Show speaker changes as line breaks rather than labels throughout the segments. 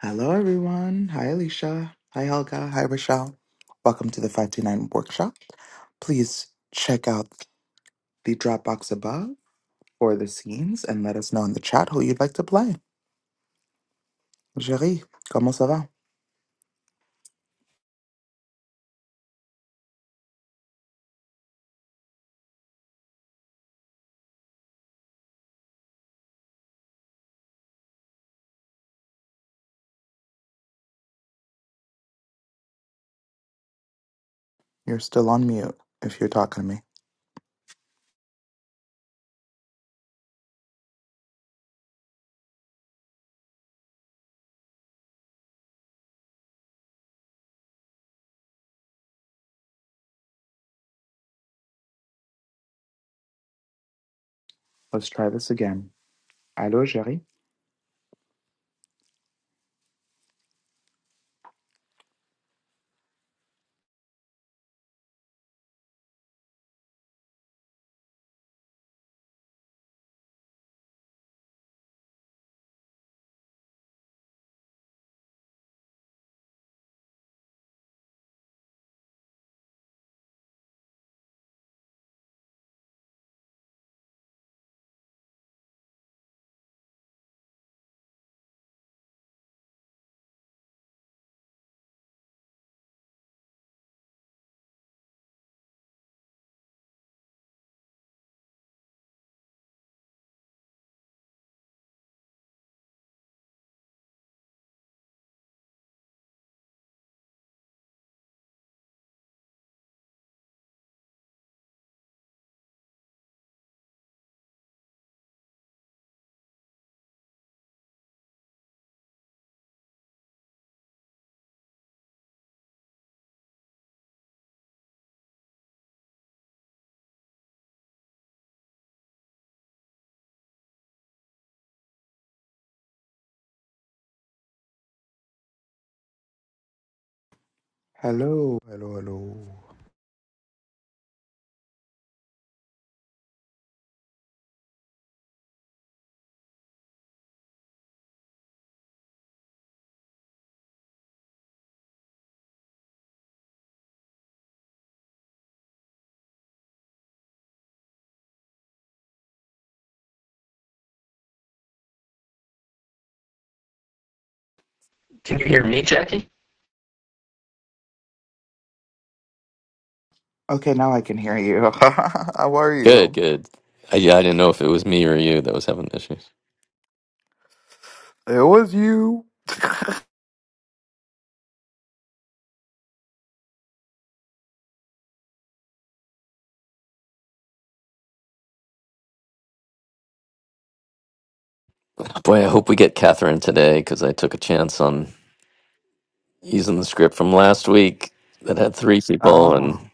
Hello, everyone. Hi, Alicia. Hi, Helga. Hi, Rochelle. Welcome to the 529 workshop. Please check out the Dropbox above for the scenes and let us know in the chat who you'd like to play. Jerry, comment ça va? You're still on mute if you're talking to me. Let's try this again. Hello, Jerry. Hello. Hello, hello.
Can you hear me, Jackie?
Okay, now I can hear you. How are
Good,
you?
good. I, yeah, I didn't know if it was me or you that was having issues.
It was you.
Boy, I hope we get Catherine today because I took a chance on using the script from last week that had three people,
Oh,
and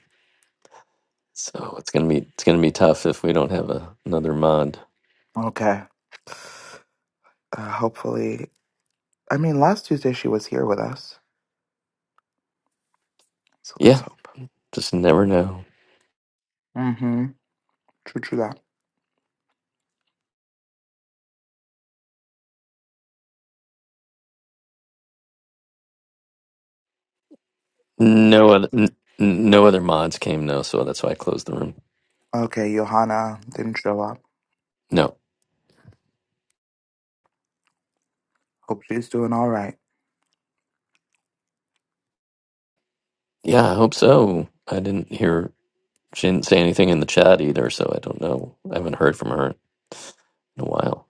so it's gonna be it's gonna be tough if we don't have a, another mod.
okay. Uh, hopefully. I mean, last Tuesday she was here with us. So let's
Yeah,
hope.
just never know.
Mm-hmm. True, true that.
No other n- n- no other mods came though, so that's why I closed the room.
Okay, Johanna didn't show up.
No,
Hope she's doing all right.
yeah, I hope so. I didn't hear she didn't say anything in the chat either, so I don't know. I haven't heard from her in a while.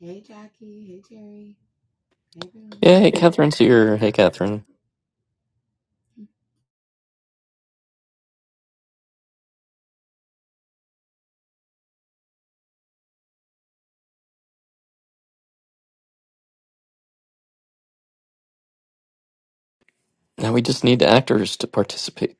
Hey Jackie, hey Jerry, hey everyone.
Yeah, hey, Catherine's here. Hey, Catherine. Now we just need actors to participate.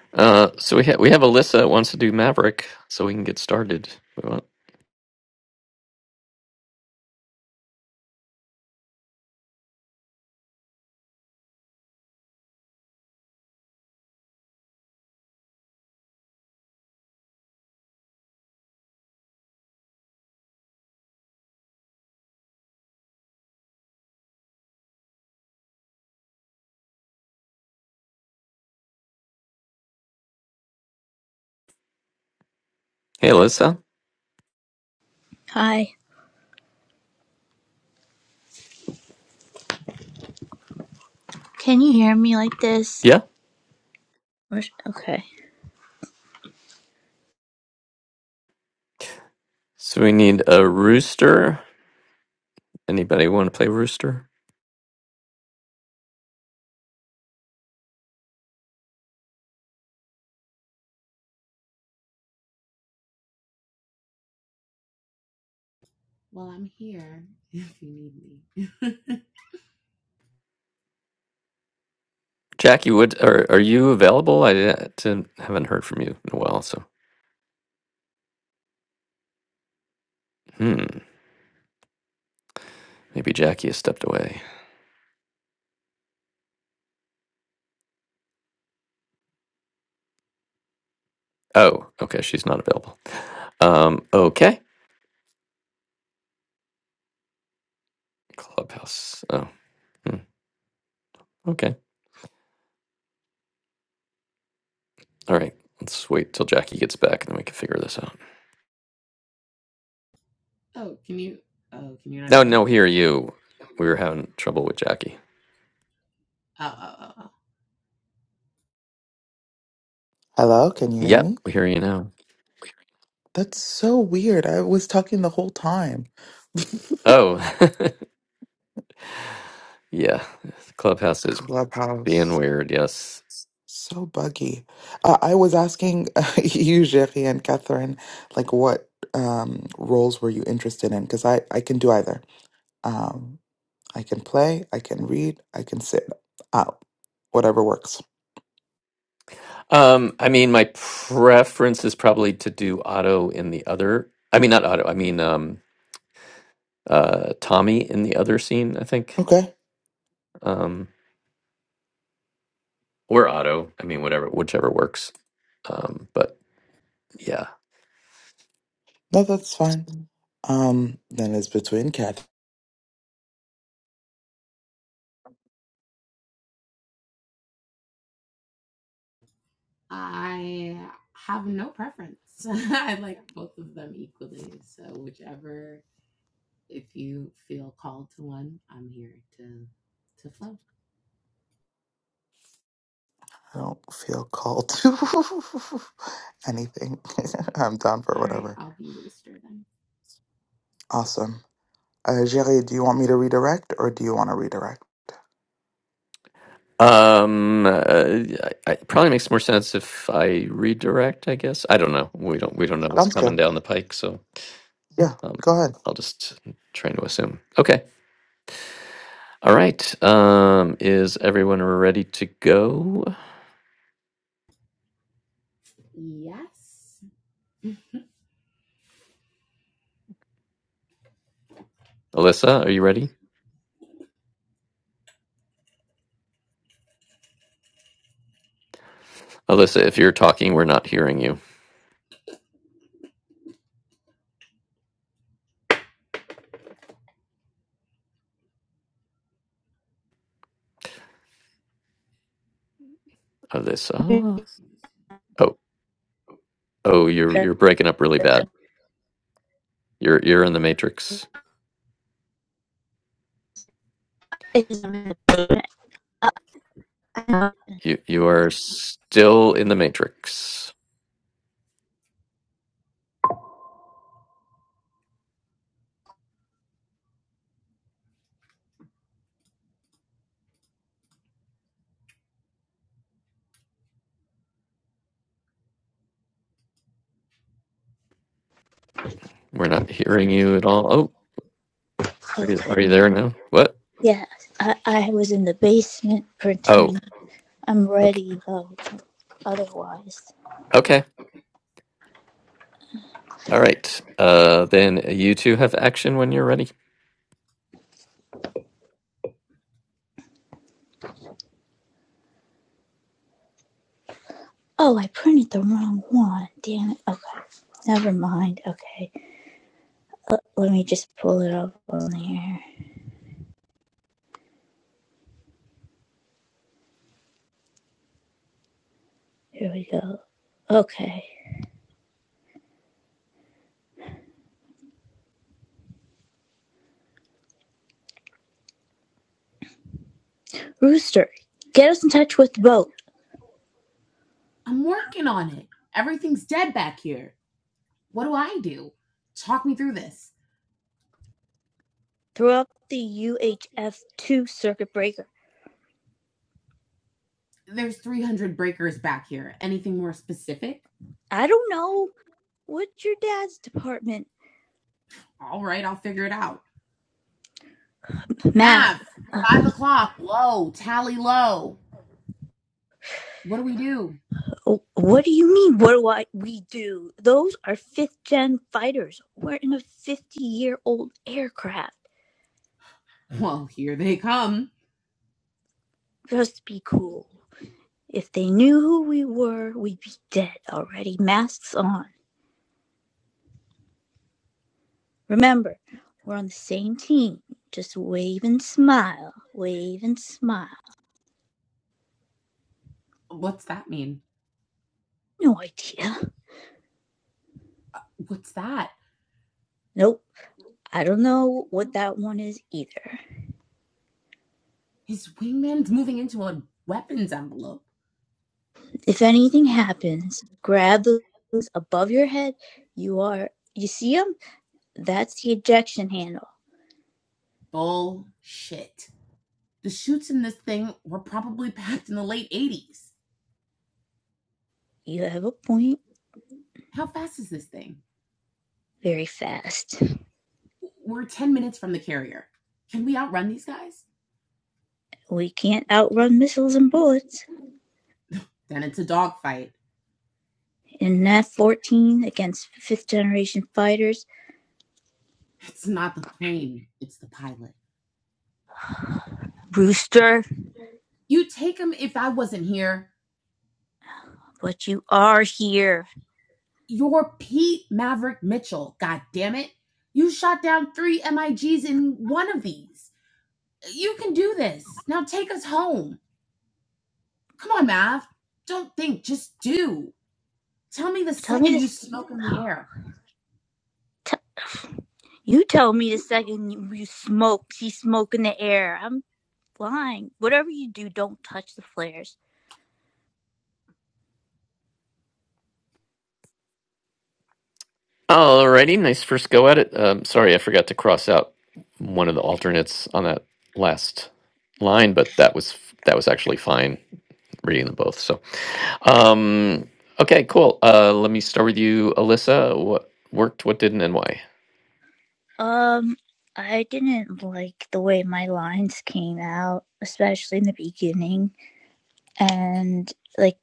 uh, so we ha- we have Alyssa that wants to do Maverick, so we can get started. We want- hey, Alyssa.
Hi. Can you hear me like this?
Yeah.
Or, sh- okay.
So we need a rooster. Anybody want to play rooster?
Well, I'm here if you need me.
Jackie, would are are you available? I didn't, haven't heard from you in a while, so hmm, maybe Jackie has stepped away. Oh, okay, she's not available. Um, okay, Clubhouse. Oh, hmm, okay, all right. Let's wait till Jackie gets back, and then we can figure this out.
oh, can you? Oh, can you not
No,
hear
no,
me?
hear you. We were having trouble with Jackie.
Oh, oh, oh, oh.
Hello, can you hear
Yep,
me?
we hear you now.
That's so weird. I was talking the whole time.
Oh, yeah. Clubhouse is being
Clubhouse.
weird. Yes.
So buggy. Uh, I was asking you, Jerry and Catherine, like what um, roles were you interested in? Because I, I can do either. Um, I can play, I can read, I can sit out, whatever works.
Um, I mean, my preference is probably to do Otto in the other. I mean, not Otto. I mean, um, uh, Tommy in the other scene. I think,
Okay.
um, or Otto. I mean, whatever, whichever works. Um, but yeah.
No, that's fine. Um, then it's between cat.
I have no preference. I like both of them equally. So whichever, if you feel called to one, I'm here to to flow.
I don't feel called to anything. I'm down for
All right,
whatever.
I'll be rooster then.
Awesome. Uh, Jerry, do you want me to redirect or do you want to redirect?
Um, uh, I, it probably makes more sense if I redirect, I guess. I don't know. We don't we don't know what's
Sounds
coming
good.
down the pike, so
Yeah,
um,
go ahead.
I'll just try to assume. Okay. All right. Um, is everyone ready to go?
Yes,
Alyssa, are you ready? Alyssa, if you're talking, we're not hearing you.
Uh,
Alyssa. Oh, oh, you're you're breaking up really bad. You're you're in the matrix. You you are still in the matrix. We're not hearing you at all. Oh, are you,
Okay.
are you there now? What?
Yeah, I, I was in the basement
Oh,
printing. I'm
okay.
ready though, otherwise.
Okay. All right. Uh, then you two have action when you're ready.
Oh, I printed the wrong one. Damn it. Okay, never mind. Okay, L- let me just pull it up on here. Here we go. Okay. Rooster, get us in touch with the boat.
I'm working on it. Everything's dead back here. What do I do? Talk me through this.
Throw up the UHF 2 circuit breaker.
there's 300 breakers back here. Anything more specific?
I don't know. What's your dad's department?
All right, I'll figure it out.
Math.
Mav,
Uh,
five o'clock, low, tally low. What do we do?
"Oh, what do you mean? What do I we do? Those are fifth gen fighters. We're in a fifty year old aircraft.
Well, here they come.
Just be cool. If they knew who we were, we'd be dead already. Masks on. Remember, we're on the same team. Just wave and smile. Wave and smile.
What's that mean?
No idea.
What's that?
Nope. I don't know what that one is either.
His wingman's moving into a weapons envelope.
If anything happens, grab those above your head. You are, you see them? That's the ejection handle.
Bullshit. The shoots in this thing were probably packed in the late 80s.
You have a point
How fast is this thing?
very fast.
We're 10 minutes from the carrier. Can we outrun these guys?
We can't outrun missiles and bullets.
Then it's a dogfight.
In Nat 14 against fifth generation fighters,
It's not the plane, it's the pilot.
Brewster,
You take him if I wasn't here.
but you are here.
You're Pete Maverick Mitchell, god damn it. You shot down three MIGs in one of these. You can do this. Now take us home. Come on, Mav. Don't think, just do. Tell me the
Tell me
second you
this.
smoke in the air.
T- you tell me the second you, you smoke, see smoke in the air. I'm flying. Whatever you do, don't touch the flares.
Alrighty. Nice first go at it. Um, sorry, I forgot to cross out one of the alternates on that last line, but that was that was actually fine reading them both. So, um, okay, cool. Uh, let me start with you, Alyssa. What worked? What didn't, and why?
Um, I didn't like the way my lines came out, especially in the beginning. And like,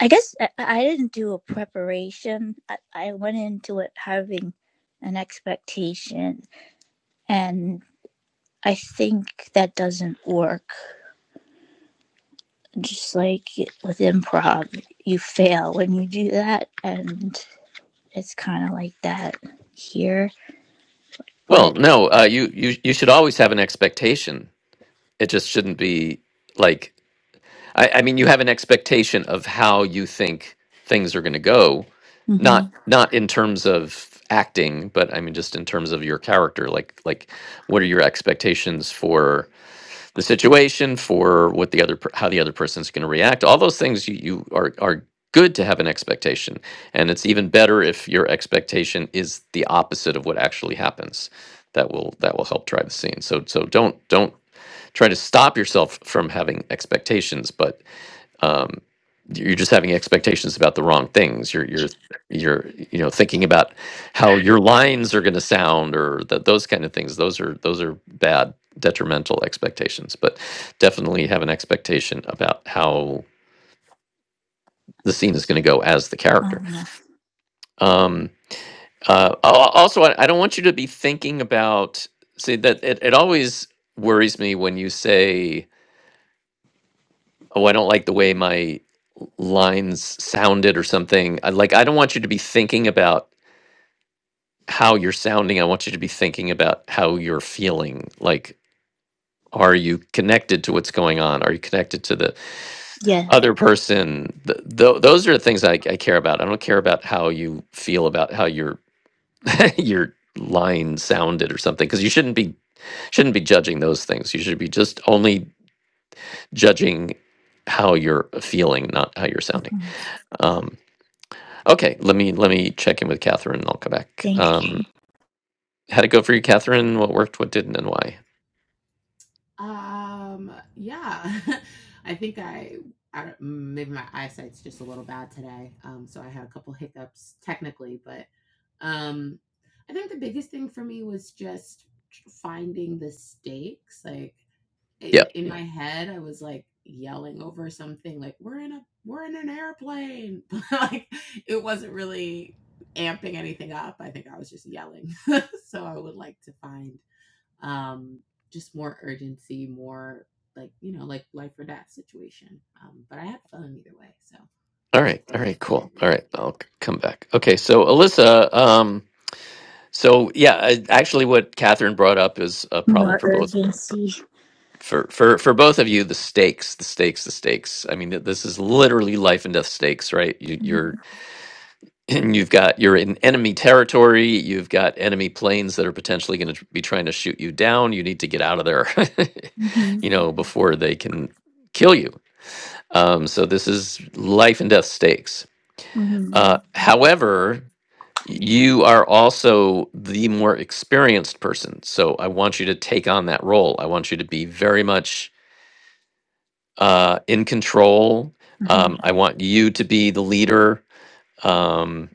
I guess I, I didn't do a preparation. I, I went into it having an expectation, and I think that doesn't work. Just like with improv, you fail when you do that, and it's kind of like that here.
Well,
But
no. Uh, you you you should always have an expectation. It just shouldn't be like I, I mean, you have an expectation of how you think things are going to go,
hmm
not not in terms of acting, but I mean just in terms of your character. Like like, what are your expectations for the situation, for what the other per- how the other person's going to react? All those things you, you are are good to have an expectation, and it's even better if your expectation is the opposite of what actually happens. That will that will help drive the scene. So so don't don't try to stop yourself from having expectations, but um, you're just having expectations about the wrong things. You're you're you're you know thinking about how your lines are going to sound or that those kind of things. Those are those are bad detrimental expectations. But definitely have an expectation about how the scene is going to go as the character.
uh,
Um, uh, al- al- also, I, I don't want you to be thinking about. See that it, it always worries me when you say oh, I don't like the way my lines sounded or something. I, like, I don't want you to be thinking about how you're sounding. I want you to be thinking about how you're feeling. Like, are you connected to what's going on? Are you connected to the
yeah,
other person? Th- tho- those are the things I, I care about. I don't care about how you feel about how your your line sounded or something because you shouldn't be shouldn't be judging those things. You should be just only judging how you're feeling, not how you're sounding.
mhm.
Um, Okay, let me let me check in with Catherine and I'll come back.
thank you.
Um, how'd it go for you, Catherine? What worked, what didn't, and why?
Um, yeah, I think I, I maybe my eyesight's just a little bad today. Um, so I had a couple hiccups technically, but um, I think the biggest thing for me was just tr- finding the stakes. Like
Yeah.
in in my head, I was like yelling over something like we're in a we're in an airplane, but like it wasn't really amping anything up. I think I was just yelling. so I would like to find um, just more urgency, more like you know, like life or death situation. Um, but I had fun either way, so it
All
was a
right.
cool.
All right. Cool. All right. I'll c- come back. Okay. So Alyssa. Um, so yeah, I- actually, what Catherine brought up is a problem
more
for both
urgency.
for for for both of you. The stakes. The stakes. The stakes. I mean, th- this is literally life and death stakes, right? You, you're and you've got you're in enemy territory you've got enemy planes that are potentially going to be trying to shoot you down you need to get out of there
Mm-hmm.
you know before they can kill you um, so this is life and death stakes
Mm-hmm.
uh, however you are also the more experienced person so i want you to take on that role i want you to be very much uh, in control um,
hmm
i want you to be the leader um,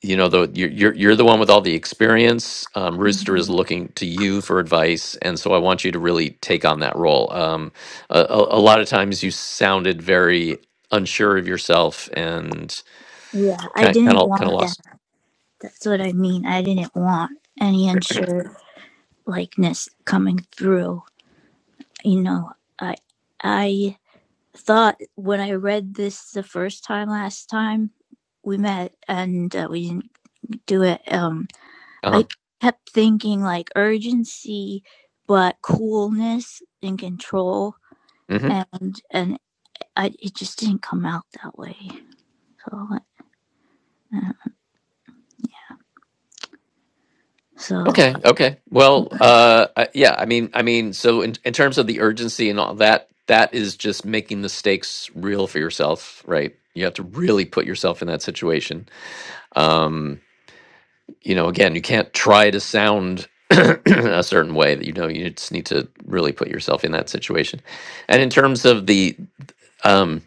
you know the you're you're you're the one with all the experience. Um, Rooster is Mhm. looking to you for advice, and so I want you to really take on that role. Um, a, a a lot of times you sounded very unsure of yourself and
Yeah, I
kind kind
didn't
of kind of
want that.
lost.
That's what I mean. I didn't want any unsure likeness coming through. You know, I I thought when I read this the first time last time we met and uh, we didn't do it. Um,
Uh-huh.
I kept thinking like urgency, but coolness and control,
hmm
and and I it just didn't come out that way. call it now. So,
Okay. Okay. Well. Uh. I- Yeah. I mean. I mean. So in in terms of the urgency and all that, that is just making the stakes real for yourself, right? You have to really put yourself in that situation. Um you know, again, you can't try to sound a certain way that you know you just need to really put yourself in that situation. And in terms of the um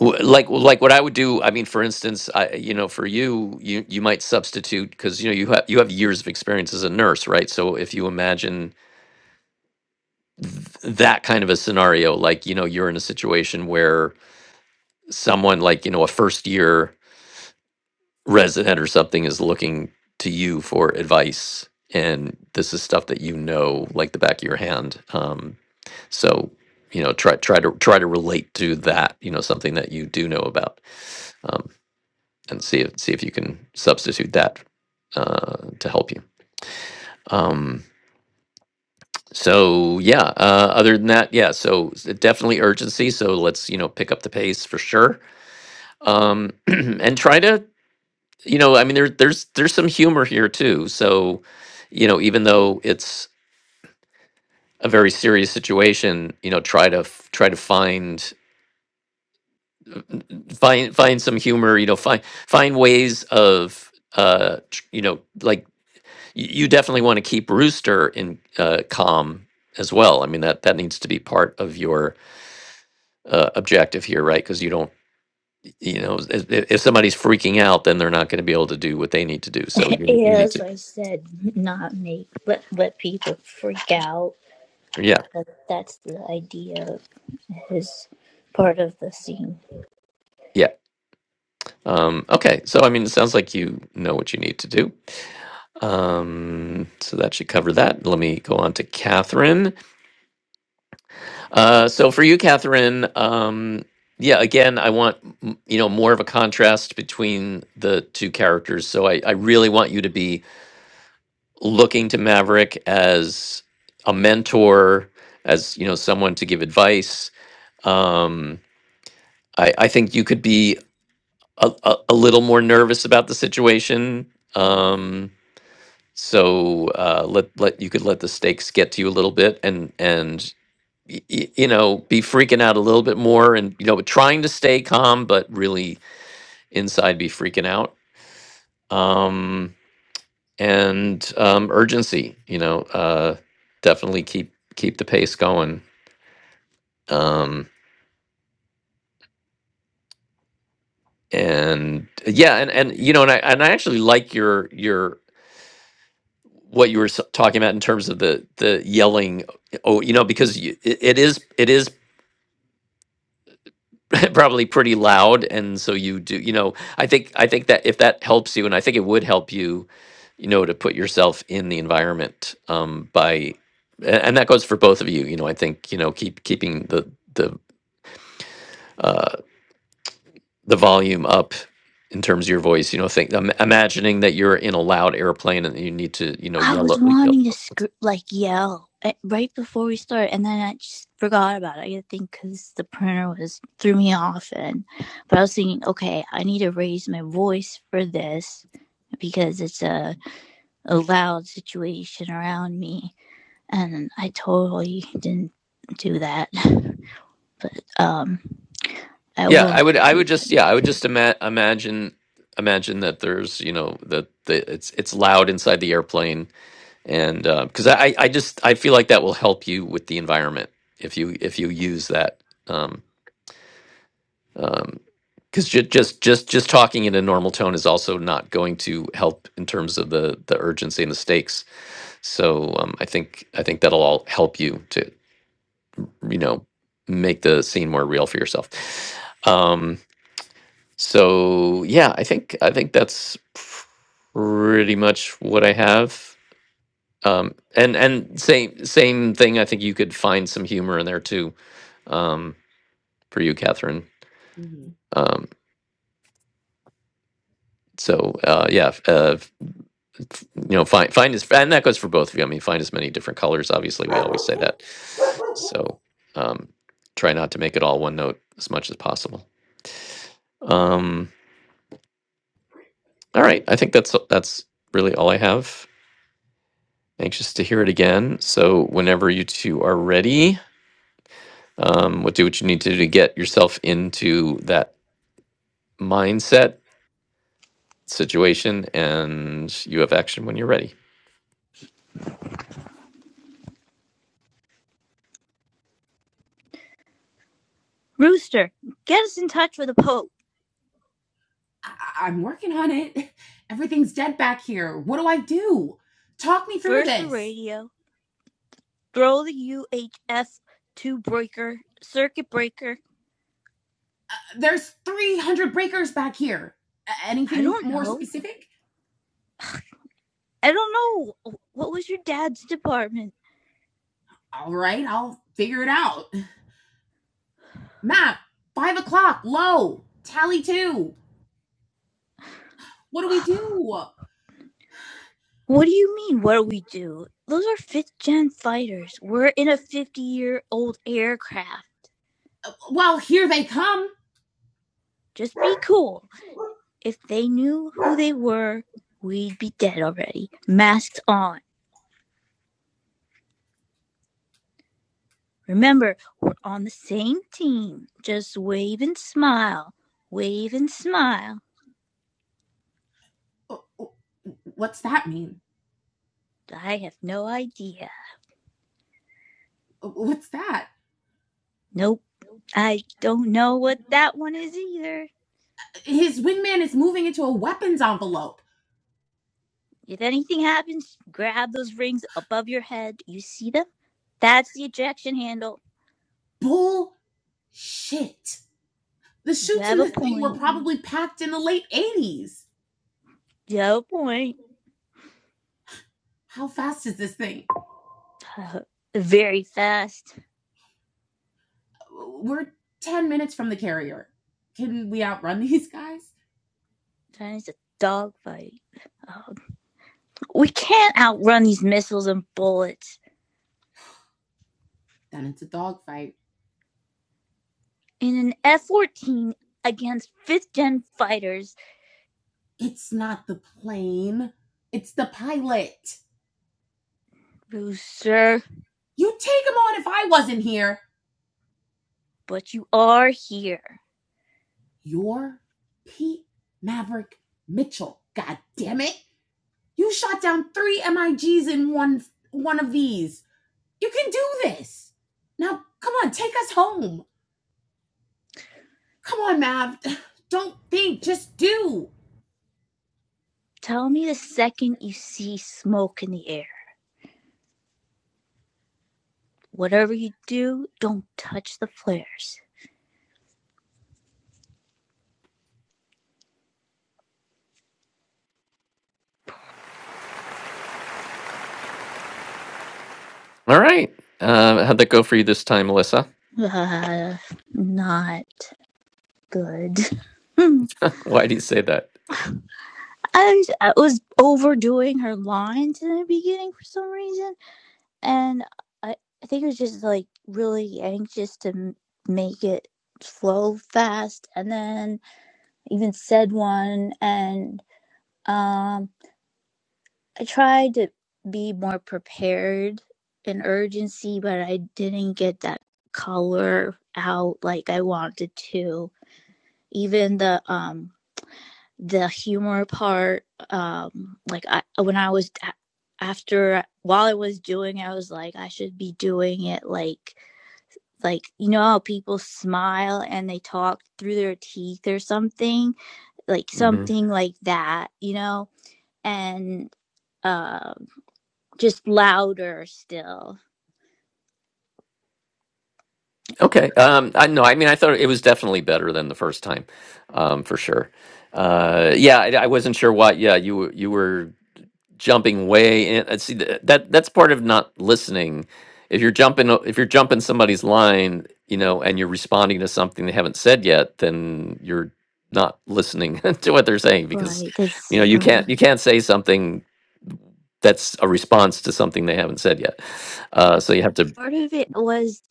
w- like like what I would do, I mean for instance, I you know, for you you you might substitute cuz you know you have you have years of experience as a nurse, right? So if you imagine that kind of a scenario like you know you're in a situation where someone like you know a first year resident or something is looking to you for advice and this is stuff that you know like the back of your hand um, so you know try try to try to relate to that you know something that you do know about um, and see if see if you can substitute that uh, to help you um, so yeah uh, other than that yeah so s- definitely urgency so let's you know pick up the pace for sure um, and try to you know, I mean, there, there's there's some humor here too. So, you know, even though it's a very serious situation, you know, try to f- try to find find find some humor. You know, find find ways of uh, tr- you know, like y- you definitely want to keep Rooster in uh, calm as well. I mean, that that needs to be part of your uh, objective here, right? Because you don't, you know, if, if somebody's freaking out, then they're not going to be able to do what they need to do. So you you need
yes,
to,
I said not make, let, let people freak out.
yeah.
But that's the idea of his part of the scene.
yeah. Um, okay, so I mean, it sounds like you know what you need to do. Um, so that should cover that. Let me go on to Catherine. Uh, so for you, Catherine, um, yeah, again, I want m- you know more of a contrast between the two characters. So I, I really want you to be looking to Maverick as a mentor, as you know, someone to give advice. Um, I, I think you could be a, a, a little more nervous about the situation.
Mhm,
Um, so uh, let let you could let the stakes get to you a little bit and and y- y- you know be freaking out a little bit more and you know but trying to stay calm but really inside be freaking out um and um urgency you know uh definitely keep keep the pace going um and yeah and and you know and I and I actually like your your what you were s- talking about in terms of the the yelling oh you know because you, it, it is it is probably pretty loud and so you do you know i think i think that if that helps you and i think it would help you you know to put yourself in the environment um by a- and that goes for both of you you know i think you know keep keeping the the uh the volume up in terms of your voice you know think im- imagining that you're in a loud airplane and you need to you know
I
yell,
was
o- yell.
wanting to sc- like yell eh, right before we started, and then I just forgot about it. I think because the printer was threw me off, and but I was thinking, okay, I need to raise my voice for this because it's a, a loud situation around me. and I totally didn't do that. But um, I
yeah
will
i would i
do
would just yeah
that.
i would just ima- imagine imagine that there's you know that the, it's it's loud inside the airplane and because I, I just I feel like that will help you with the environment if you if you use that um um because just just just just talking in a normal tone is also not going to help in terms of the the urgency and the stakes so um I think I think that'll all help you to you know make the scene more real for yourself um so yeah I think I think that's pretty much what I have um and and same same thing i think you could find some humor in there too um for you catherine
mhm.
um so uh yeah f- uh f- f- you know find find as and that goes for both of you i mean find as many different colors obviously we always say that so um try not to make it all one note as much as possible um all right i think that's that's really all i have anxious to hear it again so whenever you two are ready um, what do what you need to do to get yourself into that mindset, situation, and you have action when you're ready.
Rooster, get us in touch with the Pope.
I- I- am working on it. Everything's dead back here. What do I do? Talk me through
First the
this.
radio, throw the UHF two breaker, circuit breaker.
There's 300 breakers back here.
I
Anything
don't
more
know.
specific?
I don't know. What was your dad's department?
All right, I'll figure it out. Map, five o'clock, low, tally two. What do we do?
What do you mean? What do we do? Those are fifth gen fighters. We're in a 50 year old aircraft.
Well, here they come.
Just be cool. If they knew who they were, we'd be dead already. Masks on. Remember, we're on the same team. Just wave and smile. Wave and smile.
Oh, oh, What's that mean?
I have no idea.
What's that?
Nope. I don't know what that one is either.
His wingman is moving into a weapons envelope.
If anything happens, grab those rings above your head. You see them? That's the ejection handle.
Bullshit. The
You
shoots
have
in
a
this thing were
point.
probably packed in the late 80s.
You have a point.
How fast is this thing?
Uh, Very fast.
We're 10 minutes from the carrier. Can we outrun these guys?
That is a dogfight. Um, we can't outrun these missiles and bullets.
Then it's a dogfight.
In an F 14 against fifth gen fighters,
It's not the plane, it's the pilot.
Booster,
You'd take him on if I wasn't here.
but you are here.
You're Pete Maverick Mitchell. God damn it. You shot down three MIGs in one one of these. You can do this. Now, come on, take us home. Come on, Mav. Don't think, just do.
Tell me the second you see smoke in the air. Whatever you do, don't touch the flares.
All right. Uh, how'd that go for you this time, Melissa?
Uh, not good.
Why do you say that?
I was, I was overdoing her lines in the beginning for some reason, and I, I think I was just like really anxious to m- make it flow fast, and then even said one, and um, I tried to be more prepared and urgency, but I didn't get that color out like I wanted to. Even the um the humor part um like I when I was after while I was doing I was like I should be doing it like like you know how people smile and they talk through their teeth or something like
hmm
something like that you know and uh, just louder still
Okay. Um, I no, I mean, I thought it was definitely better than the first time, um, for sure. Uh, yeah, I, I wasn't sure why. Yeah, you were- you were. jumping way in. I see that, that that's part of not listening. If you're jumping, o- if you're jumping somebody's line, you know, and you're responding to something they haven't said yet, then you're not listening to what they're saying because,
Right. That's
you know, you
right.
can't you can't say something that's a response to something they haven't said yet. Uh, so you have to.
part of it was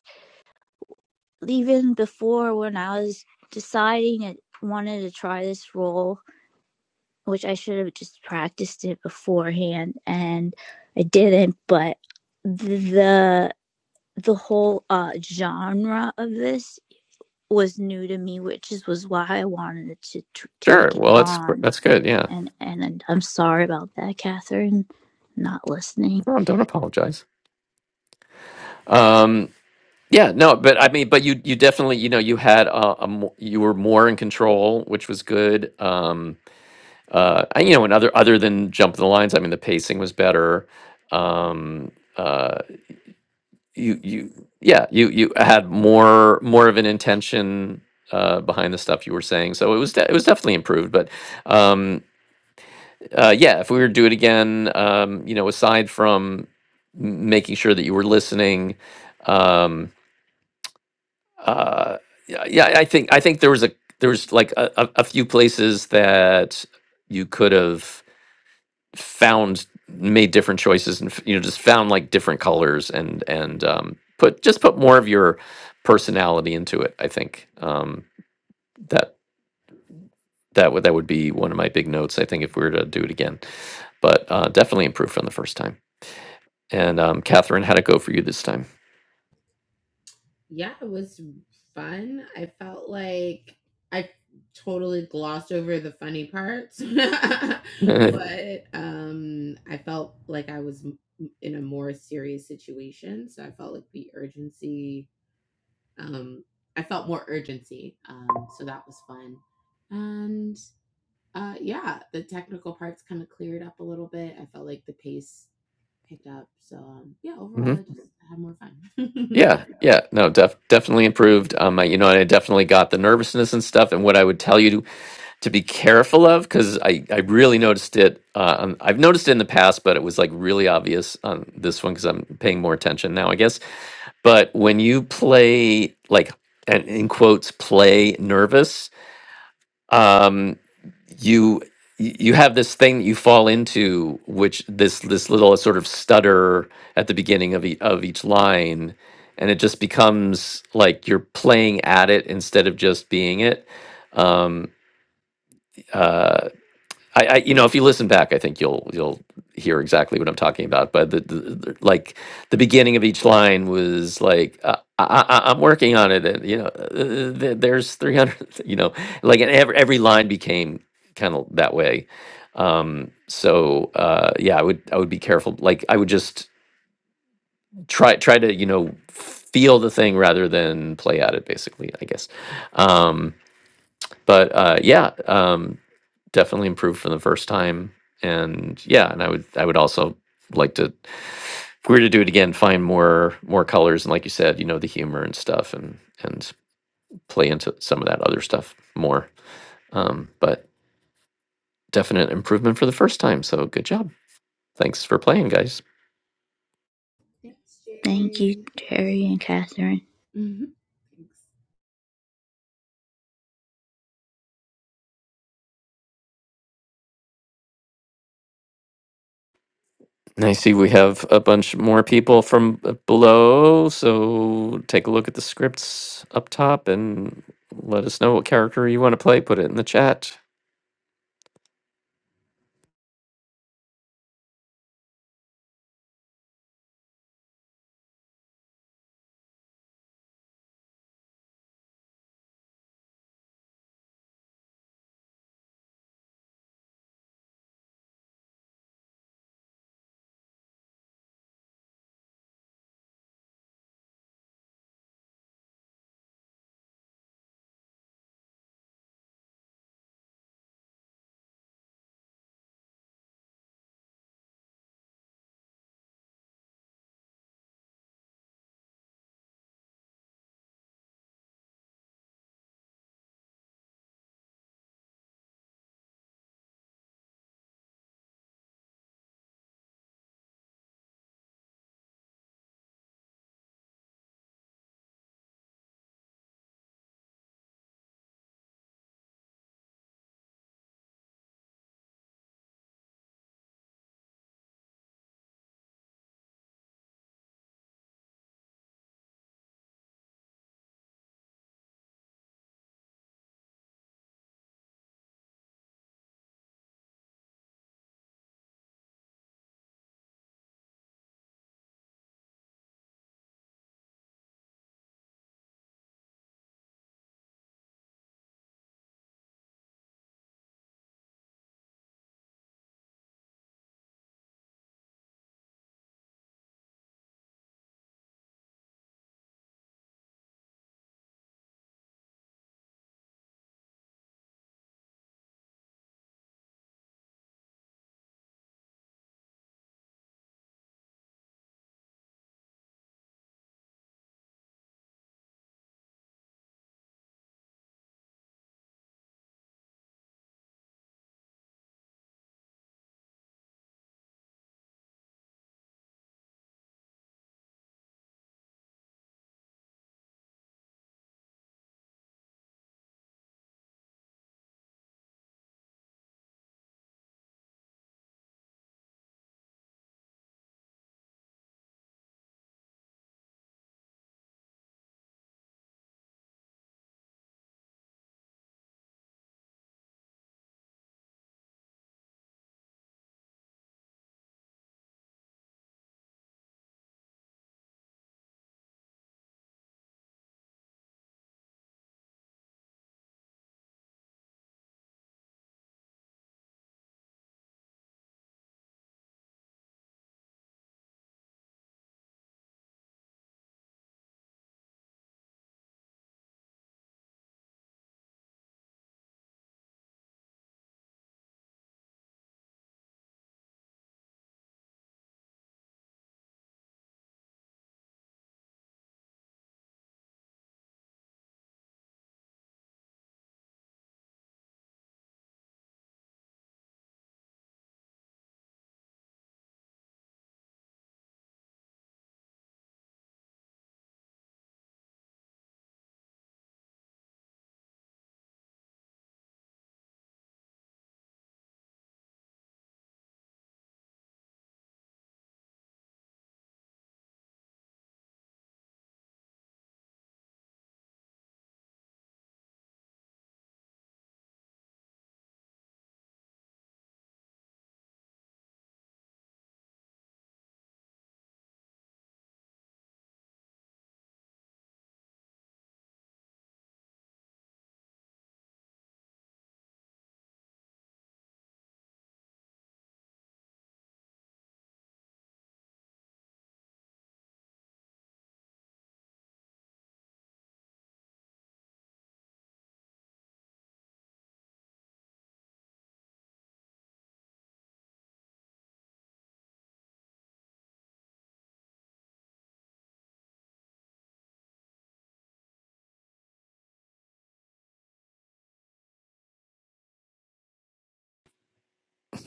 even before when I was deciding I wanted to try this role which I should have just practiced it beforehand and I didn't but the the whole uh genre of this was new to me which is was why I wanted to, t
Sure.
take it
Well, that's
on
that's good. Yeah.
and and and I'm sorry about that Catherine not listening
No, don't apologize. Um, yeah, no, but I mean, but you you definitely you know you had a, a mo- you were more in control, which was good. Um, uh, I- you know, and other other than jump the lines, I mean, the pacing was better. Um, uh, you you yeah, you you had more more of an intention uh, behind the stuff you were saying, so it was de- it was definitely improved. But um, uh, yeah, if we were to do it again, um, you know, aside from m- making sure that you were listening, um, uh, yeah, yeah, I think I think there was a there was like a, a, a few places that you could have found made different choices and you know just found like different colors and and um, put just put more of your personality into it. I think um, that that would that would be one of my big notes. I think if we were to do it again, but uh, definitely improved from the first time. And um, Catherine, how'd it go for you this time?
Yeah, it was fun. I felt like I totally glossed over the funny parts,
hmm
but um, I felt like I was in a more serious situation. So I felt like the urgency um, I felt more urgency. Um, so that was fun. And uh, yeah, the technical parts kind of cleared up a little bit. I felt like the pace picked up. So um, yeah, overall, I had more fun.
Yeah, yeah, no, def- definitely improved. Um, I, you know, I definitely got the nervousness and stuff. And what I would tell you to be careful of because I, I really noticed it. Uh, on- I've noticed it in the past, but it was like really obvious on this one because I'm paying more attention now, I guess. But when you play, like, and in quotes, play nervous, um, you you have this thing that you fall into which this this little sort of stutter at the beginning of, e- of each line and it just becomes like you're playing at it instead of just being it um uh, I, I you know if you listen back i think you'll you'll hear exactly what i'm talking about but the, the, the like the beginning of each line was like uh, I, I, i'm working on it and you know uh, th- there's 300 you know like and every, every line became kind of that way um so uh yeah i would i would be careful like i would just try try to you know feel the thing rather than play at it basically i guess Um, but uh, yeah, um, definitely improved from the first time. And yeah, and I would I would also like to, if we were to do it again, find more more colors and like you said, you know, the humor and stuff, and and play into some of that other stuff more. Um, but definite improvement for the first time. So good job. Thanks for playing, guys.
Thanks,
thank you
Jerry.
Terry
Thanks,
and Catherine
Liz. Mhm. Thanks.
And I see we have a bunch more people from b- below. So take a look at the scripts up top and let us know what character you want to play. Put it in the chat.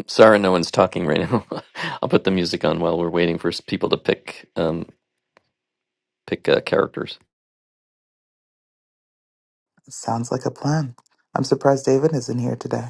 Sorry, no one's talking right now. I'll put the music on while we're waiting for s- people to pick um, pick uh, characters.
Sounds like a plan. I'm surprised David isn't here today.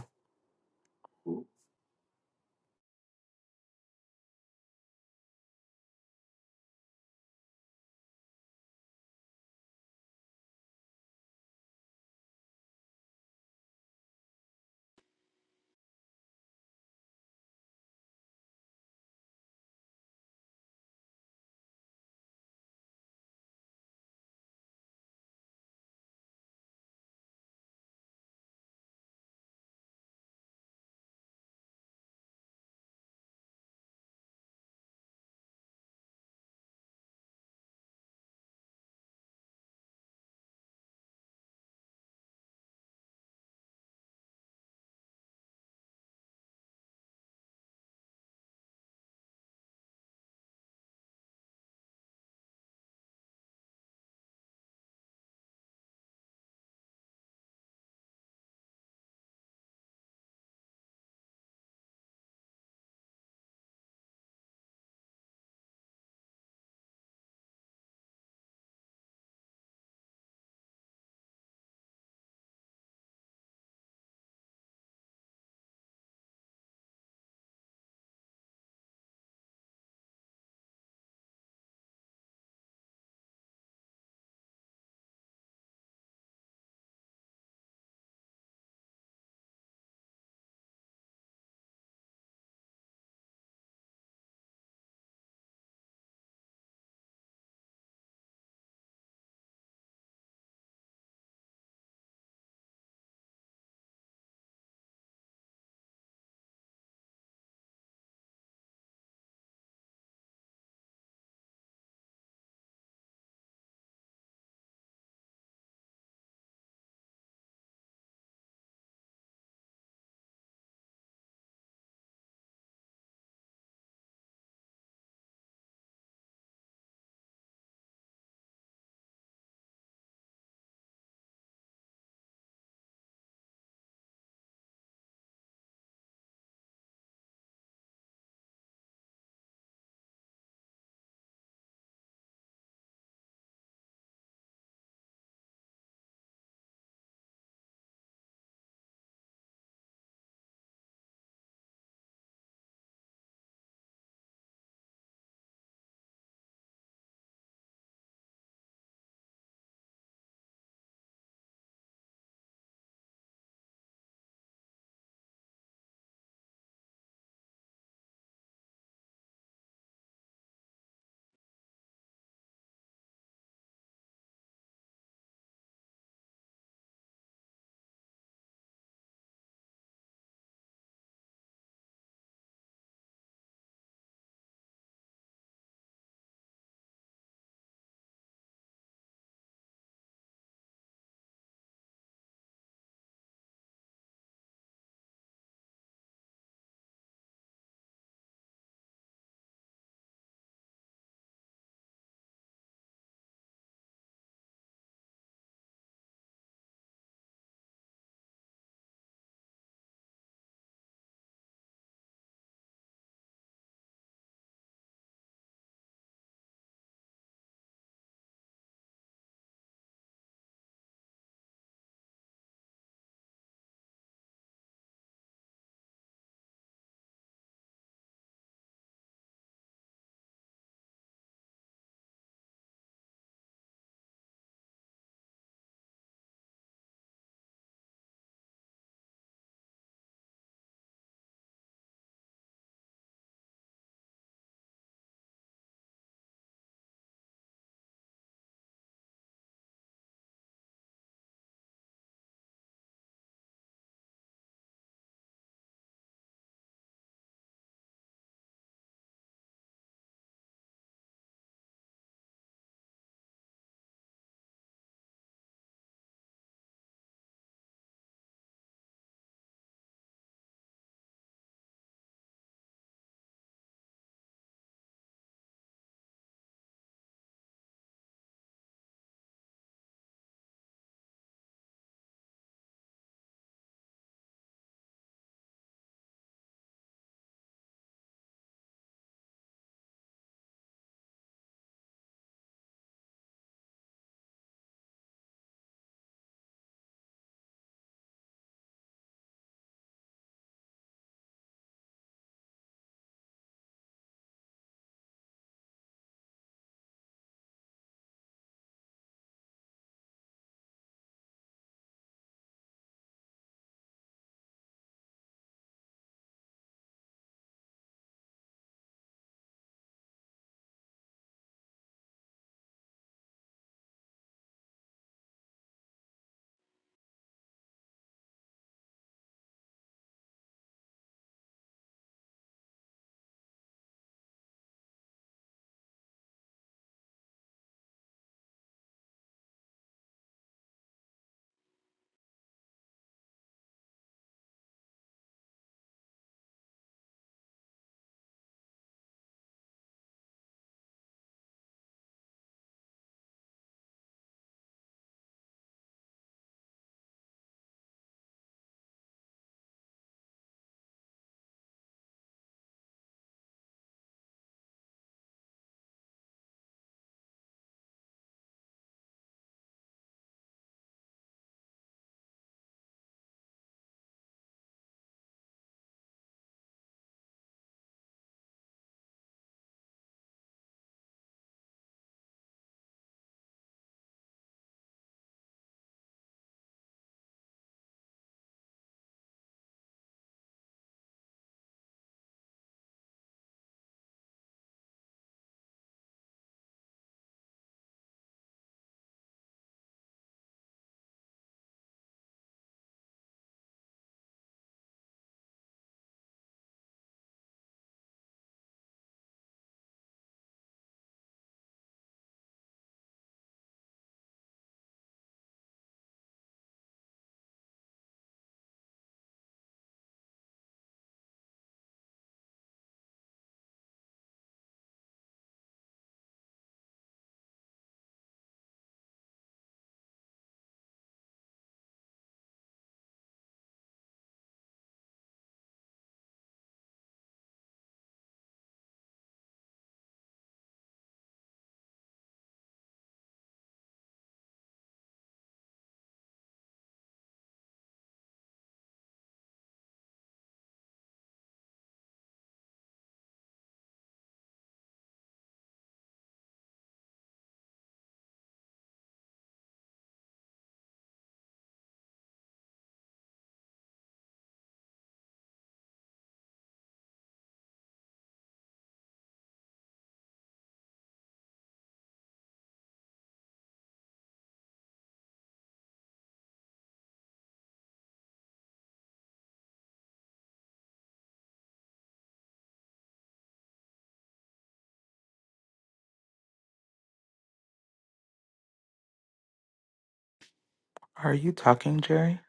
Are you talking, Jerry?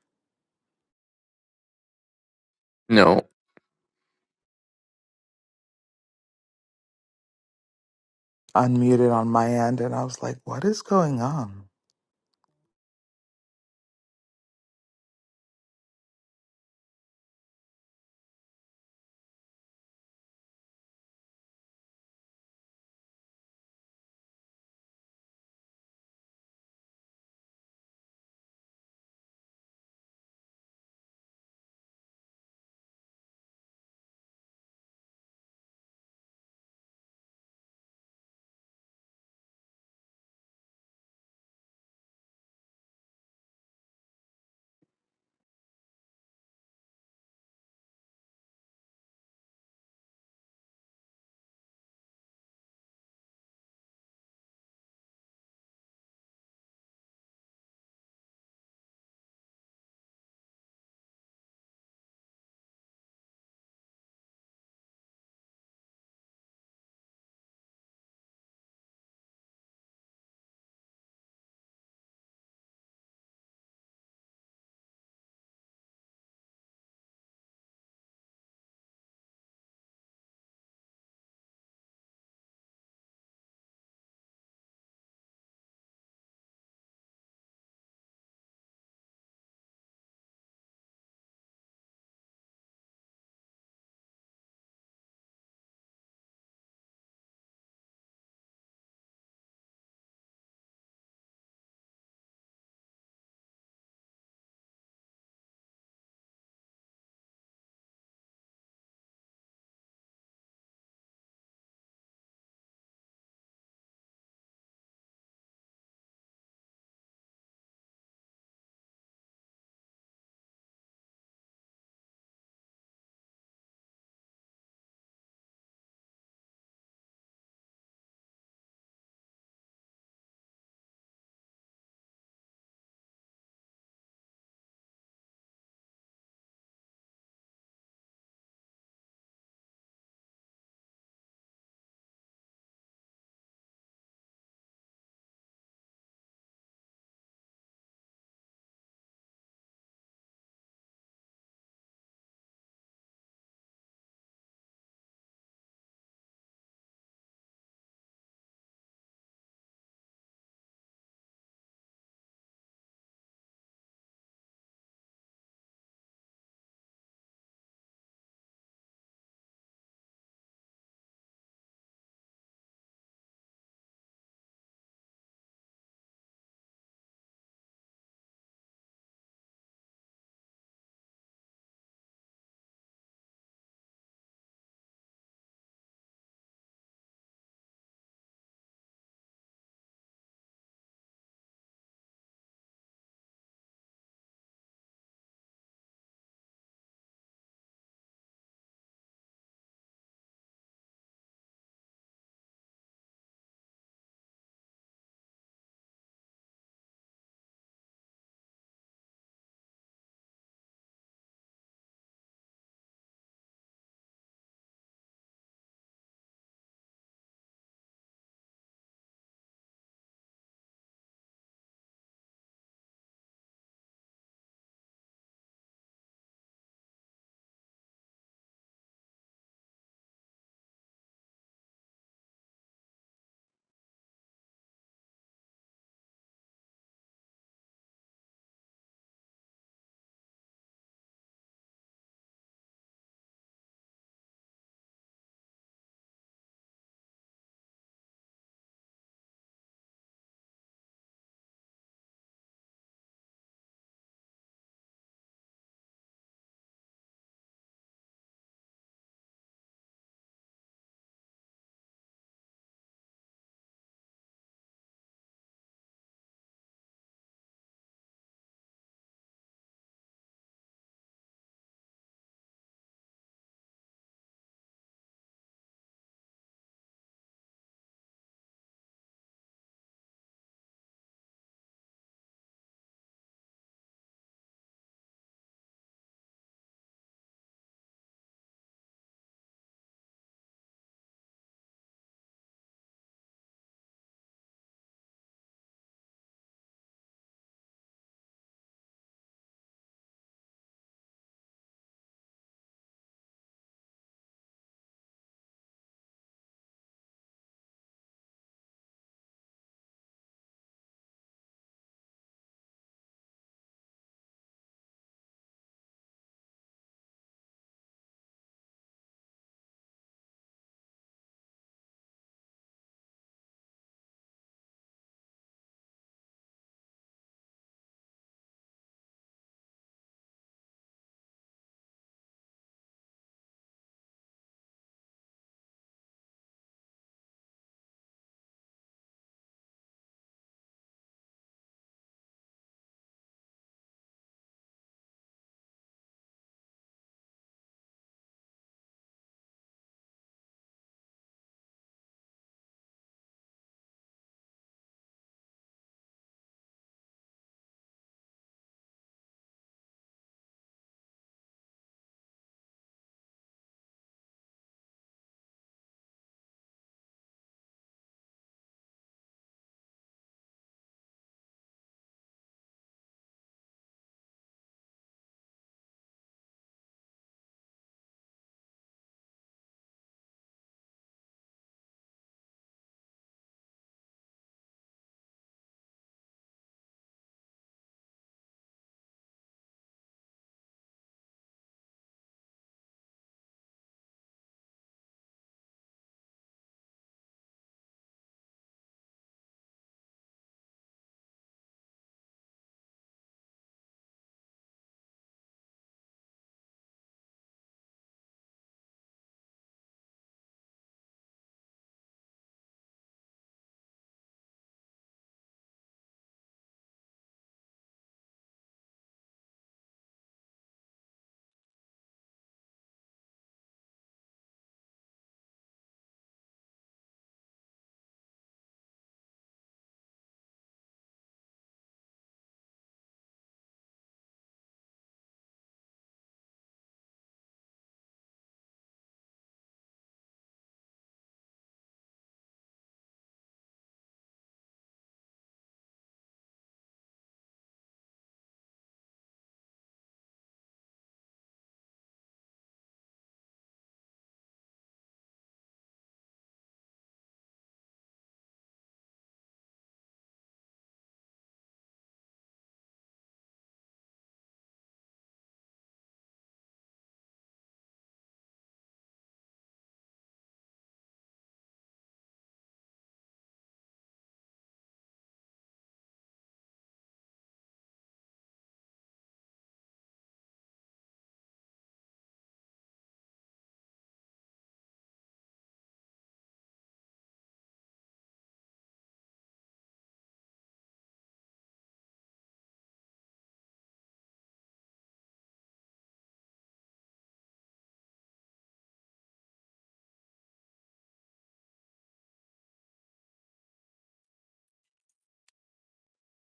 No.
Unmuted on my end, and I was like, what is going on?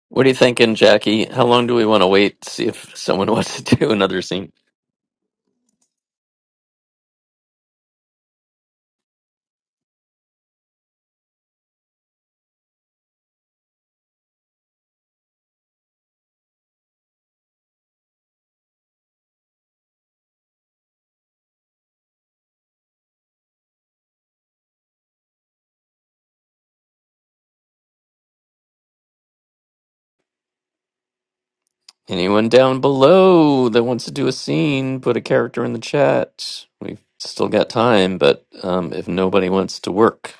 What are you thinking, Jackie? How long do we want to wait to see if someone wants to do another scene? Anyone down below that wants to do a scene, put a character in the chat. We've still got time, but um, if nobody wants to work,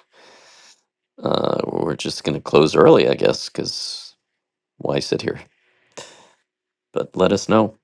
uh, we're just going to close early, I guess, because why sit here? But let us know.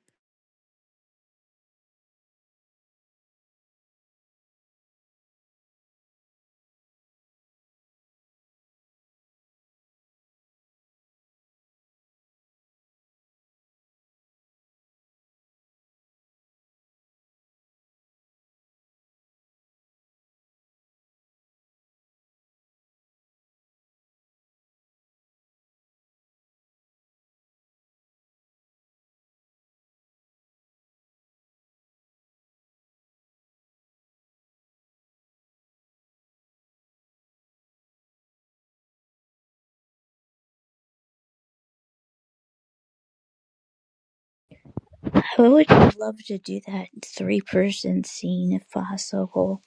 I would love to do that three person scene if possible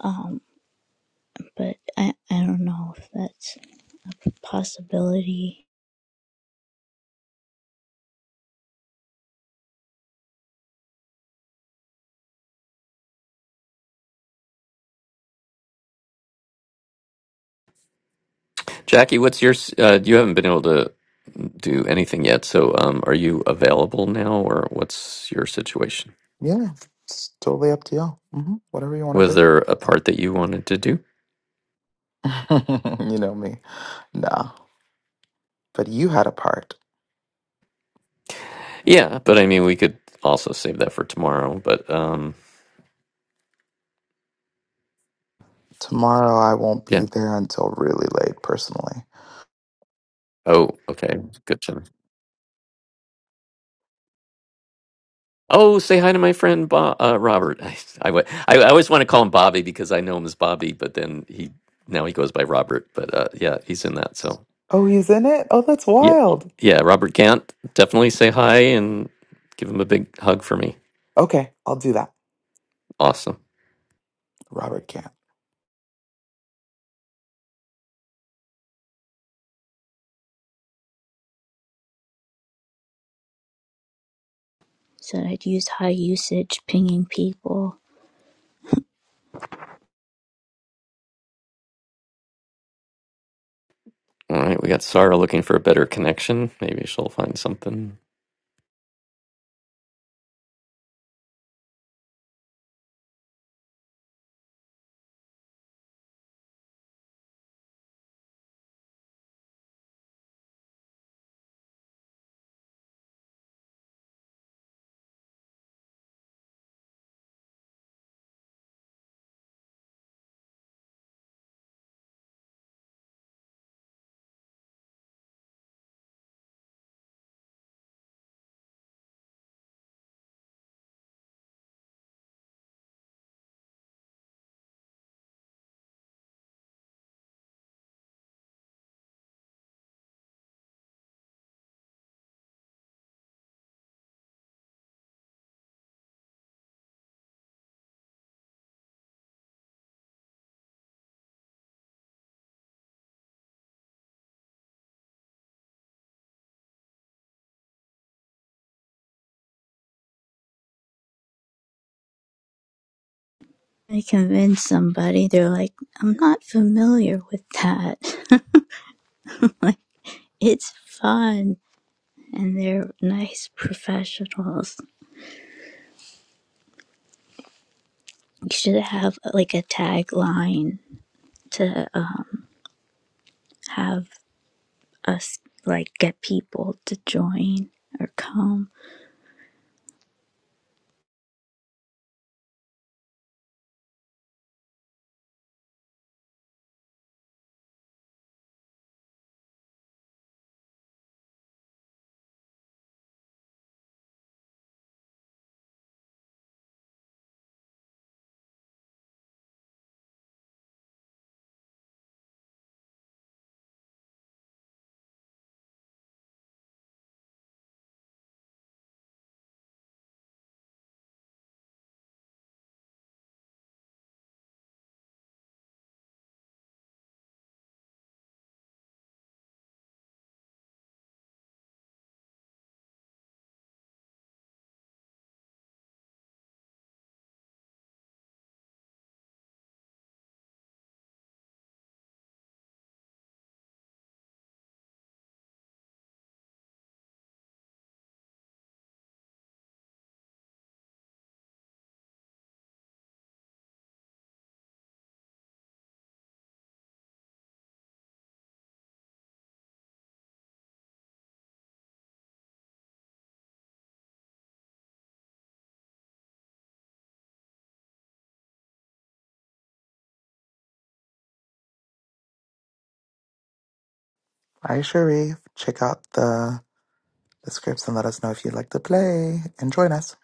um but I I don't know if that's a possibility
Jackie, what's your. s- Uh, you haven't been able to do anything yet, so um, are you available now, or what's your situation?
Yeah, it's totally up to y'all. hmm Whatever you want to
Was there a part that you wanted to do?
do. you know me. Nah, but you had a part.
Yeah, but I mean, we could also save that for tomorrow, but um,
Tomorrow I won't be
yeah.
there until really late personally.
Oh, okay. Good to know. Oh, say hi to my friend Bob, uh, Robert. I, I, wa- I- I always want to call him Bobby because I know him as Bobby, but then he now he goes by Robert. But uh, yeah, he's in that. So
Oh, he's in it? Oh, that's
yeah,
wild.
yeah, Robert Gant. Definitely say hi and give him a big hug for me.
Okay, I'll do that.
Awesome.
Robert can't.
So I'd use high usage pinging people.
All right, we got Sarah looking for a better connection. Maybe she'll find something.
I convinced somebody, they're like, I'm not familiar with that. it's fun. And they're nice professionals. You should have like a tagline to uh, have us like get people to join or come.
Hi Sharif. Check out the the scripts and let us know if you'd like to play and join us.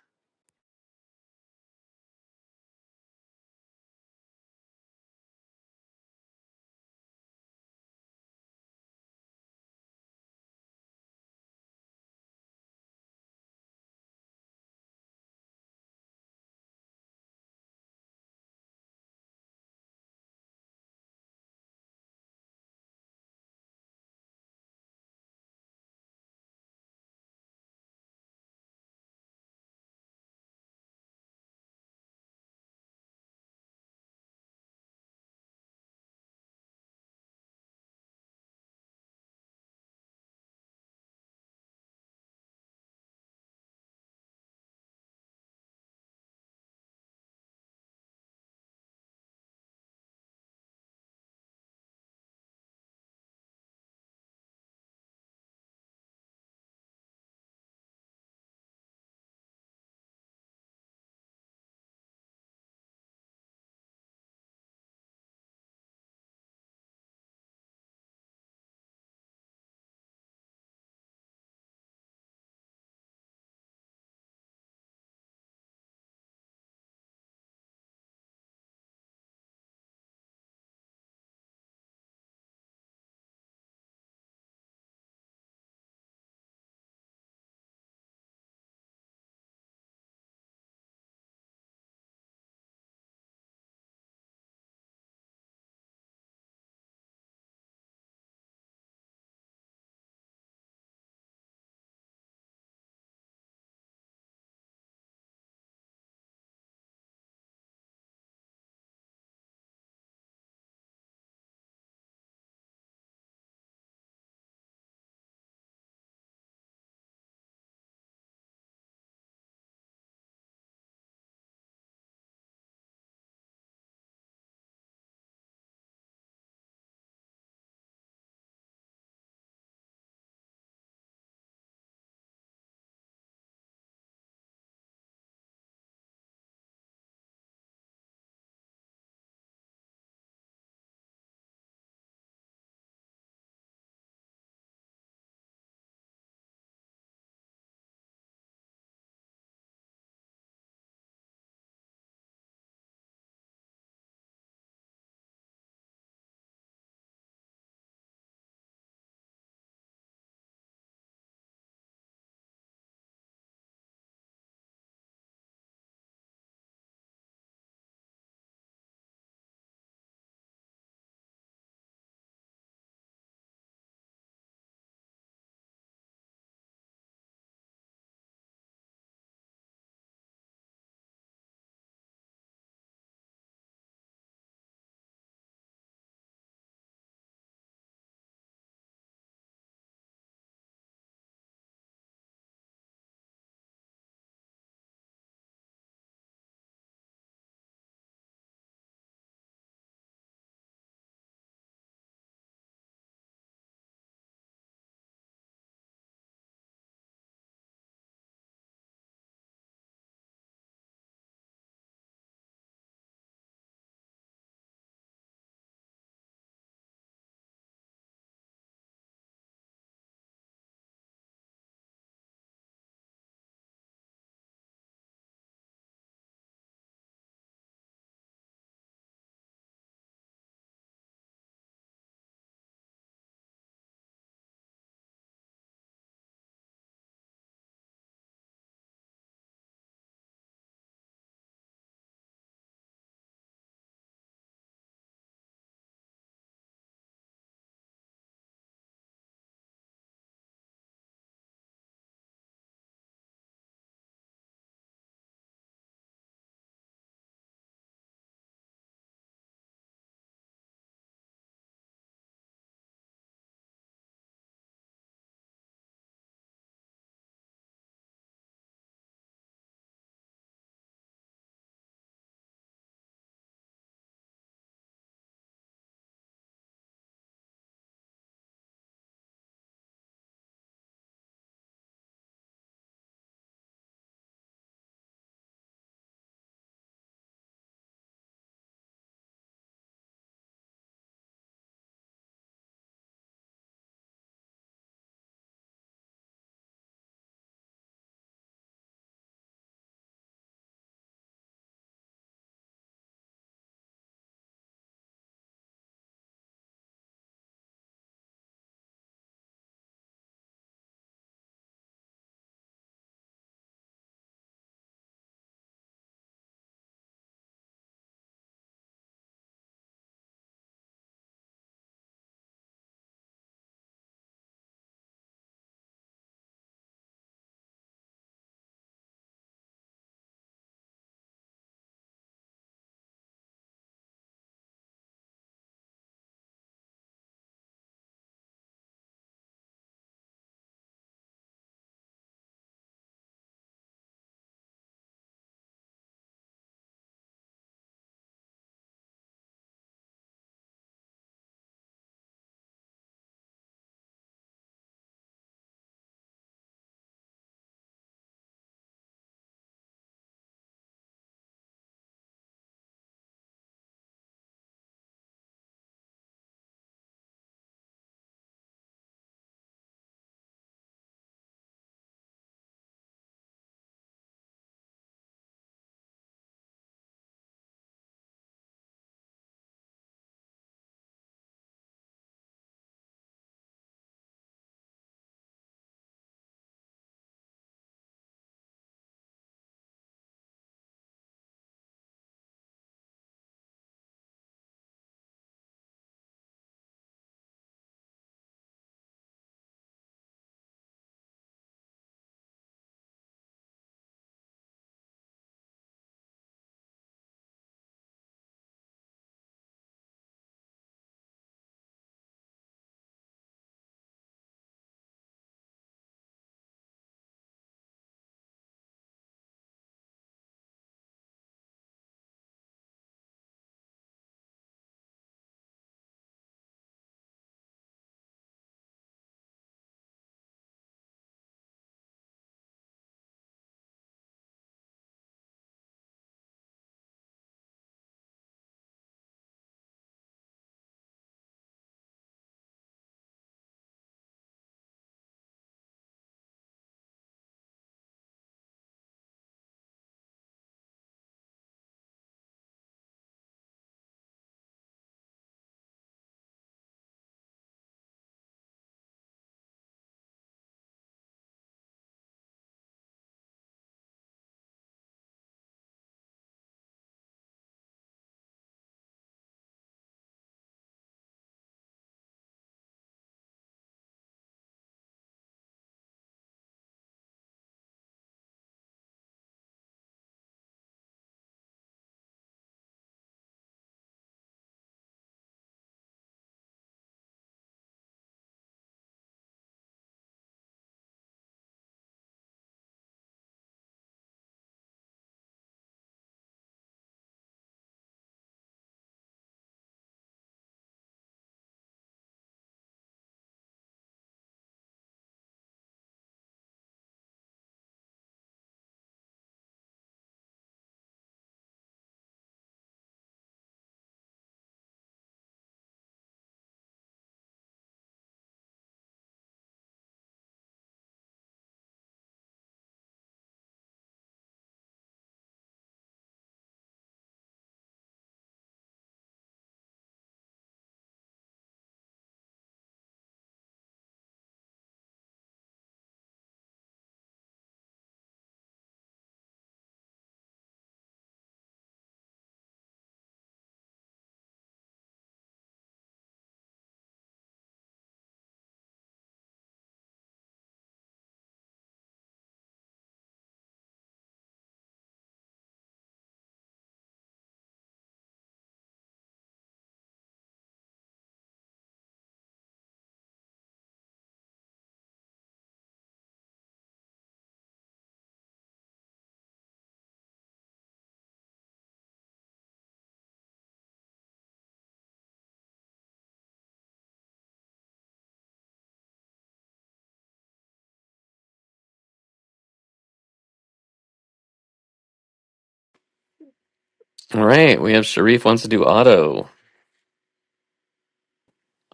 All right, we have Sharif wants to do auto.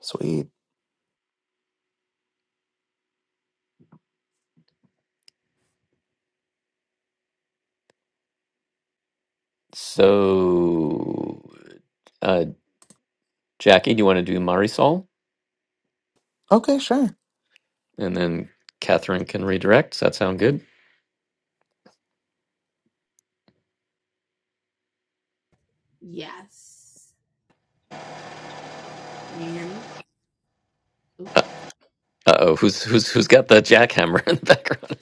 Sweet.
So, uh, Jackie, do you want to do Marisol,
Okay, sure.
and then Catherine can redirect? Does that sound good?
Yes. Can you hear me? Oh.
Uh oh, who's who's who's got the jackhammer in the background?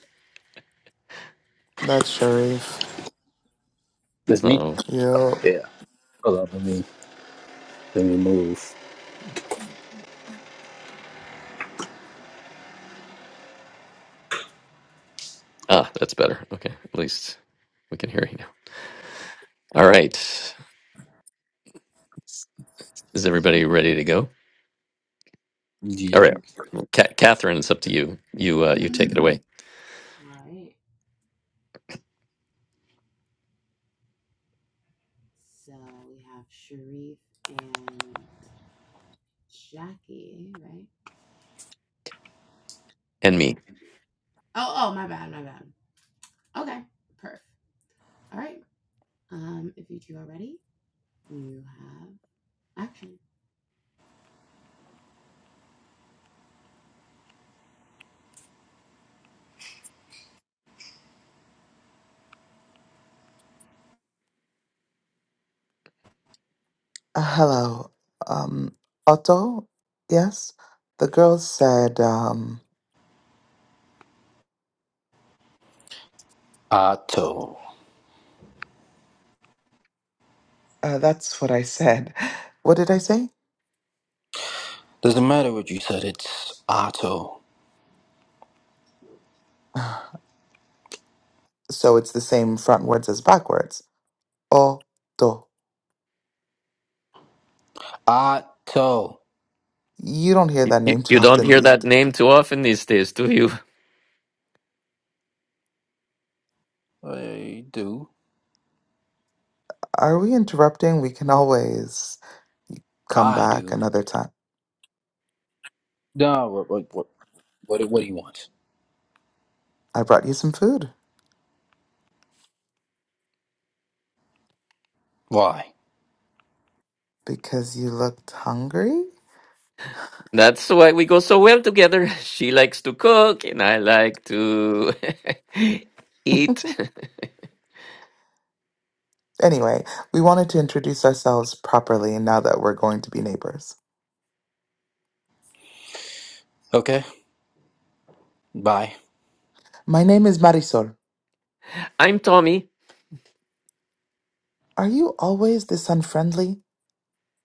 That's Sharif.
That's me.
Oh,
Yup.
Yeah. Hold on. Let me let me move.
ah, that's better. Okay, at least we can hear you now. All right, is everybody ready to go? All
Yeah.
right, Ca Catherine, it's up to you. You uh, you take it
Mm-hmm.
away,
All right. So we have Sharif and Jackie, right?
and me.
Oh, oh, my bad, my bad. Okay, perf. All right. Um, if you two are ready, you have action.
Uh, hello. Um Otto? Yes? The girl said, um
Otto.
uh, that's what I said. What did I say?
Doesn't matter what you said. It's Otto.
So it's the same front words as backwards. Otto.
Otto.
You don't hear
You,
that
you
name
you
too
don't
often
hear
these
that
d-
name too often these days, do you?
I do.
Are we interrupting? We can always come
I
back
do.
another time.
No. What? What? What? What, what do you want?
I brought you some food
Why?
because you looked hungry.
That's why we go so well together. She likes to cook, and I like to eat.
Anyway, we wanted to introduce ourselves properly now that we're going to be neighbors.
Okay. Bye.
My name is Marisol.
I'm Tommy.
Are you always this unfriendly?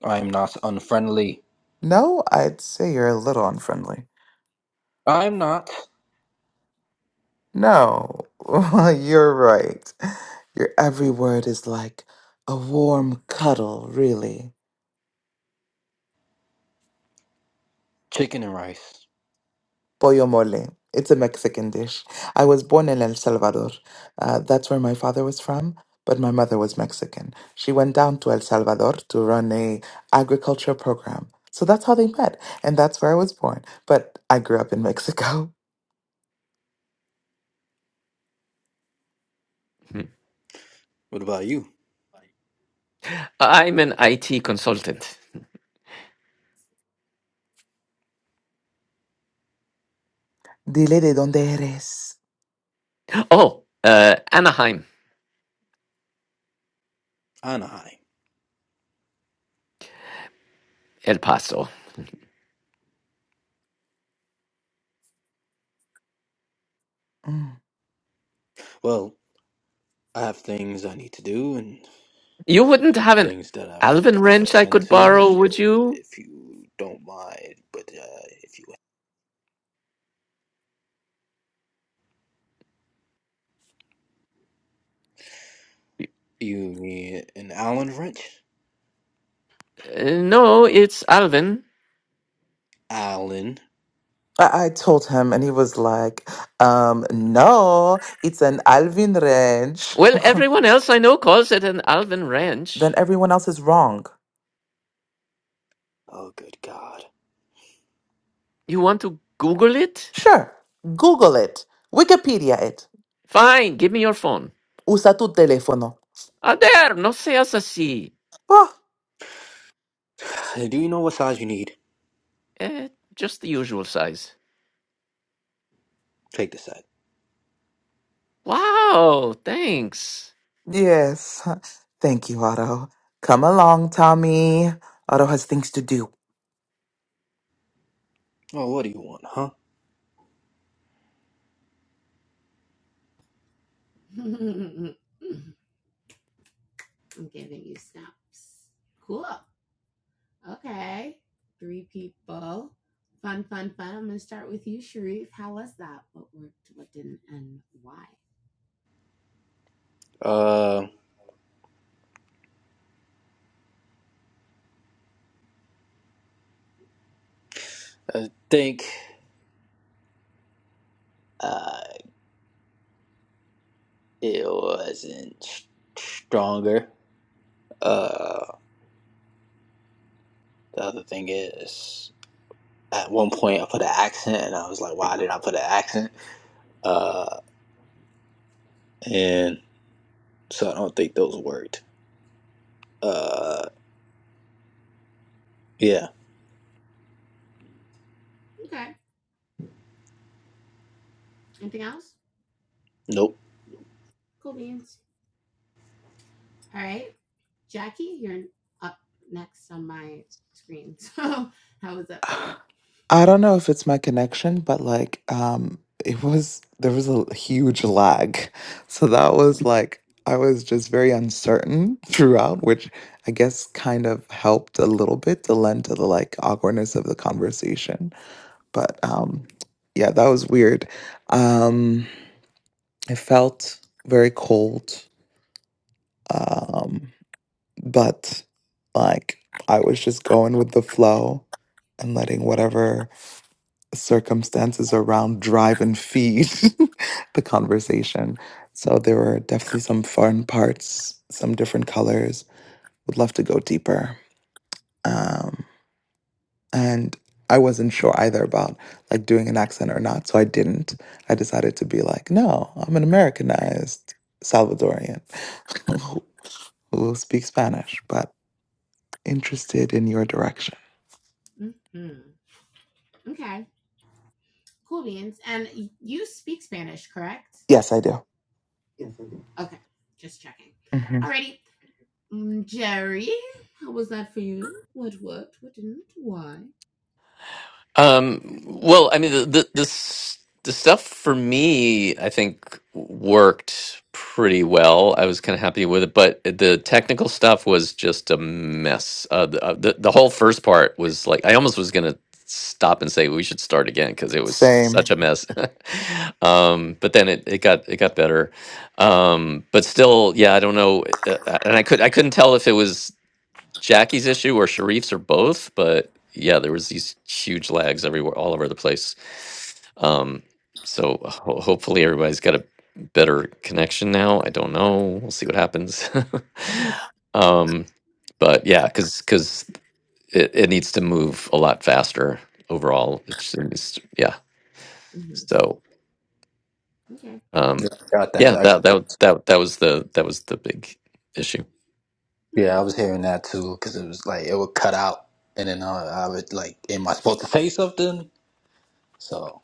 I am not unfriendly.
No, I'd say you're a little unfriendly.
I am not
No, you're right. Your every word is like a warm cuddle, really.
chicken and rice.
Pollo mole. It's a Mexican dish. I was born in El Salvador. Uh, that's where my father was from, but my mother was Mexican. She went down to El Salvador to run a agriculture program. So that's how they met, and that's where I was born. But I grew up in Mexico.
What about you?
I'm an IT consultant.
Dile de donde eres.
Oh, uh, Anaheim,
Anaheim.
El Paso.
Mm.
Well, I have things I need to do and
You wouldn't have an
things that I've
Alvin
got to
wrench I
attend
could
to.
borrow, would
So
you?
if you don't mind, but uh, if you
Uh,
You mean an Allen wrench?
no, it's Alvin.
Allen.
I, I told him, and he was like, um, no, it's an Alvin Ranch.
Well, everyone else I know calls it an Alvin
then
wrench.
everyone else is wrong.
Oh, good God.
You want to Google it?
Sure, Google it, Wikipedia it.
Fine, give me your phone.
Usa tu teléfono.
Ah, there, no seas así.
Oh,
Do you know what size you need?
Eh, just the usual size.
Take this out.
Wow, thanks.
yes. Thank you, Otto. Come along, Tommy. Otto has things to do.
Oh, what do you want, huh?
I'm giving you snaps. Cool. Okay. Three people. Fun, fun, fun. I'm gonna start with you, Sharif. How was that? What worked? What didn't? And why?
Uh, I think uh, it wasn't s- stronger. Uh, the other thing is, at one point I put an accent, and I was like, why did I put an accent? Uh, and so I don't think those worked. Uh, yeah,
Okay. Anything else?
nope.
Nope. Cool beans. All right. Jackie, you're up next on my screen. So, how was that for you?
I don't know if it's my connection, but like, um, it was there was a huge lag. So that was like I was just very uncertain throughout, which I guess kind of helped a little bit to lend to the like awkwardness of the conversation. But um yeah, that was weird. Um it felt very cold. Um But like I was just going with the flow and letting whatever circumstances around drive and feed the conversation. So there were definitely some fun parts, some different colors. Would love to go deeper. Um, and I wasn't sure either about like doing an accent or not, so I didn't. I decided to be like, no, I'm an Americanized Salvadorian who who will speak Spanish, but interested in your direction.
Mm-hmm. Mm-hmm. Okay. Cool beans. And you speak Spanish, correct?
Yes, I do.
Okay, just checking.
hmm
Alrighty. Mm, Jerry, how was that for you? What worked? What didn't? Why?
Um, well, I mean, the, the the s- the stuff for me, I think, worked pretty well. I was kind of happy with it, but the technical stuff was just a mess. Uh, the, uh, the the whole first part was like I almost was gonna stop and say we should start again because it was
Same.
such a mess. um, but then it, it got it got better. Um, but still, yeah, I don't know, uh, uh, and I could I couldn't tell if it was. Jackie's issue or Sharif's or both, but yeah, there was these huge lags everywhere, all over the place. Um, so ho- hopefully everybody's got a better connection now. I don't know. We'll see what happens.
Mhm.
um, but yeah, because because it, it needs to move a lot faster overall. It's, it's yeah. So
Okay.
Yeah,
um,
I Got
yeah,
that. I got
that that that that was the that was the big issue.
Yeah, I
Mhm.
was hearing that too because it was like it would cut out, and then uh, I would like, am I supposed to say something? So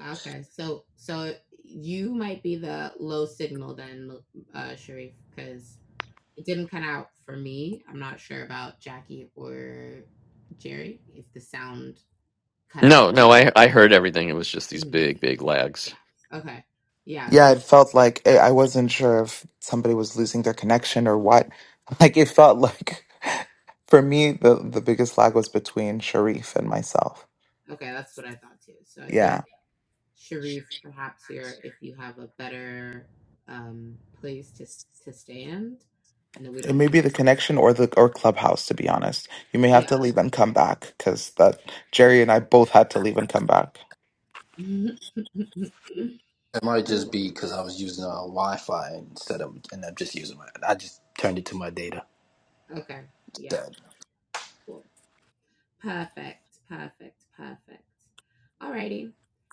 Okay. So, so you might be the low signal then, uh, Sharif, because it didn't cut out for me. I'm not sure about Jackie or Jerry if the sound cut
No,
out.
no, I I heard everything. It was just these
Mhm.
big big lags.
Yeah. Okay. Yeah.
Yeah,
So,
it felt like I I wasn't sure if somebody was losing their connection or what. Like it felt like for me the the biggest lag was between Sharif and myself.
okay, that's what I thought too. So I think
Yeah.
Sharif, perhaps here, if you have a better um, place to to stand. I know we
It
don't
may
do
be the
like
connection or the or Clubhouse to be honest. You may have
yeah.
to leave and come back cuz that Jerry and I both had to leave and come back.
it might
oh,
just be because I was using a uh, Wi-Fi instead of, and I'm just using my. I just turned it to my data
okay. Yeah.
instead.
Cool. Perfect. Perfect. Perfect. Alrighty.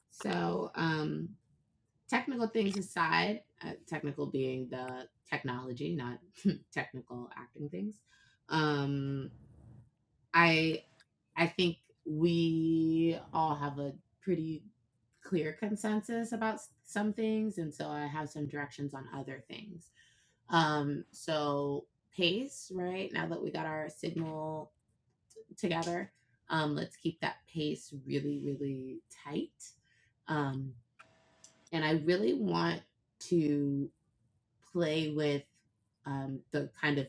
So, um, technical things aside, uh, technical being the technology, not technical acting things. Um, I. I think we all have a pretty clear consensus about some things, and so I have some directions on other things. Um, so pace, right? Now that we got our signal together, um, let's keep that pace really, really tight. Um, and I really want to play with um, the kind of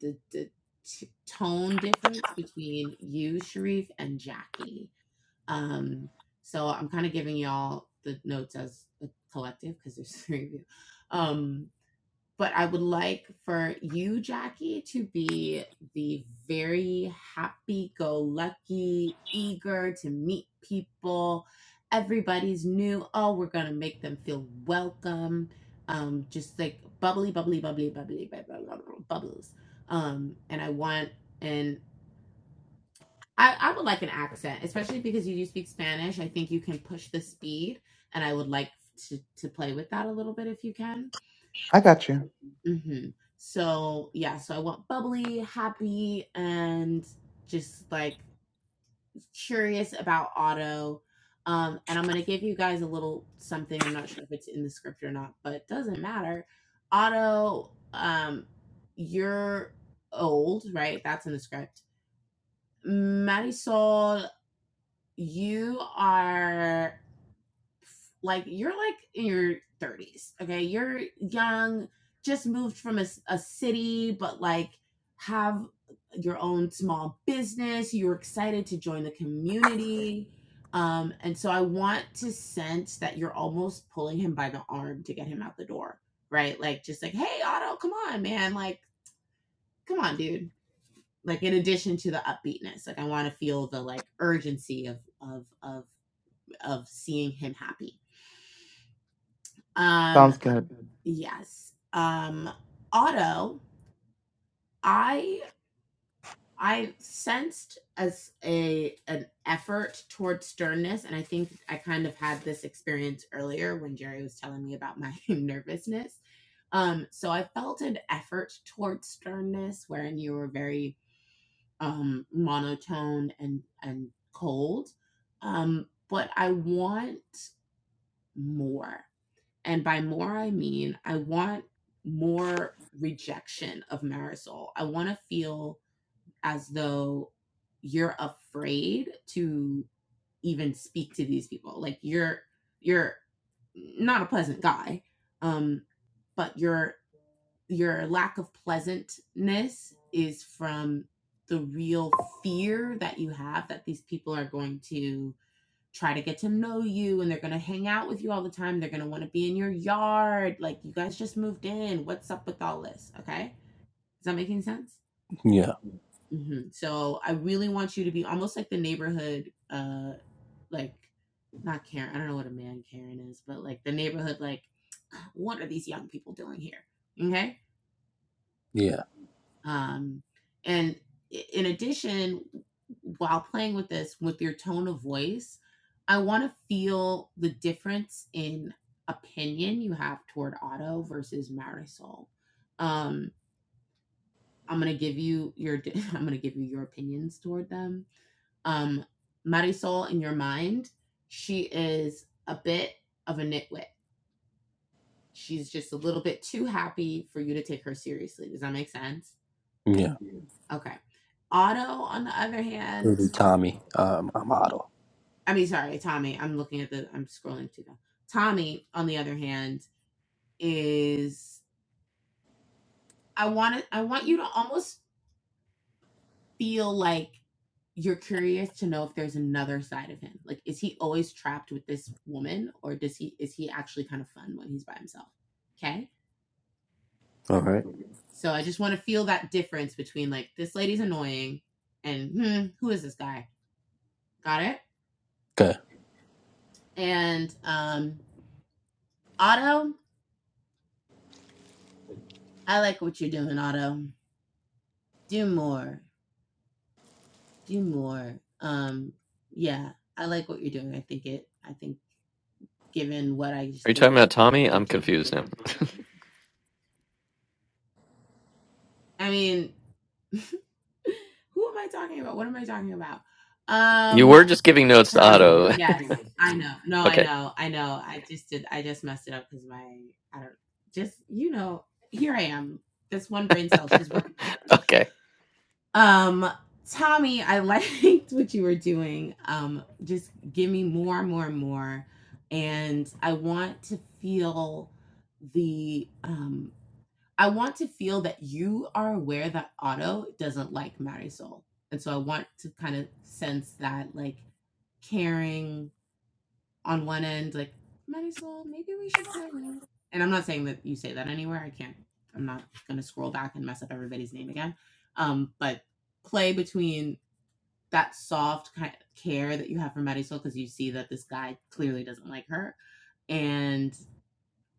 the, the t- tone difference between you, Sharif, and Jackie. Um, so I'm kind of giving y'all the notes as a collective because there's three of you. Um, but I would like for you, Jackie, to be the very happy go lucky, eager to meet people. Everybody's new. Oh, we're going to make them feel welcome. Um, just like bubbly, bubbly, bubbly, bubbly, bubbly, bubbly, bubbles. Um, and I want, and I, I would like an accent, especially because you do speak Spanish. I think you can push the speed, and I would like to, to play with that a little bit if you can.
I got you.
hmm So, yeah, so I want bubbly, happy, and just like curious about auto. Um, and I'm going to give you guys a little something. I'm not sure if it's in the script or not, but it doesn't matter. Auto, um, you're old, right? That's in the script. Marisol you are like you're like in your 30s okay you're young just moved from a a city but like have your own small business you're excited to join the community um and so i want to sense that you're almost pulling him by the arm to get him out the door right like just like hey otto come on man like come on dude like in addition to the upbeatness like i want to feel the like urgency of of of of seeing him happy. Um,
Sounds good.
yes. Um, Otto, I I sensed as a an effort towards sternness, and I think I kind of had this experience earlier when Jerry was telling me about my nervousness. Um, so I felt an effort towards sternness, wherein you were very um, monotone and and cold. Um, but I want more. And by more, I mean, I want more rejection of Marisol. I want to feel as though you're afraid to even speak to these people. Like you're, you're not a pleasant guy. Um, but your, your lack of pleasantness is from the real fear that you have that these people are going to try to get to know you and they're going to hang out with you all the time. They're going to want to be in your yard. Like, you guys just moved in. What's up with all this? Okay. Is that making sense?
Yeah,
hmm So, I really want you to be almost like the neighborhood, uh, like, not Karen. I don't know what a man Karen is, but like the neighborhood, like, what are these young people doing here? Okay
yeah,
Um, and in addition, while playing with this, with your tone of voice, I want to feel the difference in opinion you have toward Otto versus Marisol. Um, I'm gonna give you your I'm gonna give you your opinions toward them. Um, Marisol, in your mind, she is a bit of a nitwit. She's just a little bit too happy for you to take her seriously. Does that make sense?
yeah.
Okay. Otto, on the other hand,
Rudy Tommy, um, I'm Otto.
I mean, sorry, Tommy. I'm looking at the. I'm scrolling too. Now. Tommy, on the other hand, is I want it. I want you to almost feel like you're curious to know if there's another side of him. Like, is he always trapped with this woman, or does he is he actually kind of fun when he's by himself? Okay.
All right,
So I just want to feel that difference between like this lady's annoying and hmm, who is this guy? Got it?
okay.
And um Otto, I like what you're doing, Otto. Do more. Do more. Um, yeah, I like what you're doing. I think it. I think given what I
Are
just
you talking
gave
about
the
Tommy?
other
I'm
two.
confused now.
I mean, who am I talking about? What am I talking about?
You
Um,
were just giving notes to
Tom.
Otto.
I
okay.
know. I know. I just did. I just messed it up because my. I don't. Just you know. Here I am. This one brain cell. She's working hard.
Okay.
Um, Tommy, I liked what you were doing. Um, just give me more and more and more. And I want to feel the um I want to feel that you are aware that Otto doesn't like Marisol. And so I want to kind of sense that like caring on one end, like, Marisol, maybe we should go. And I'm not saying that you say that anywhere. I can't, I'm not going to scroll back and mess up everybody's name again. Um, but play between that soft kind of care that you have for Marisol, because you see that this guy clearly doesn't like her, and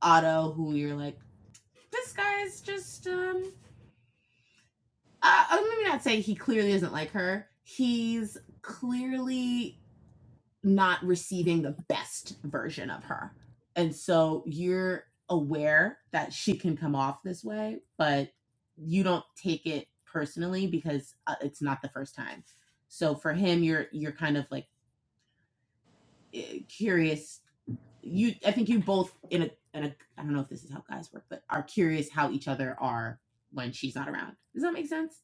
Otto, who you're like, this guy's just, um, uh, uh, let me not say he clearly doesn't like her. He's clearly not receiving the best version of her. And so you're aware that she can come off this way, but you don't take it personally because uh, it's not the first time. So for him you're you're kind of like eh, curious you I think you both in a in a I don't know if this is how guys work, but are curious how each other are when she's not around. Does that make sense?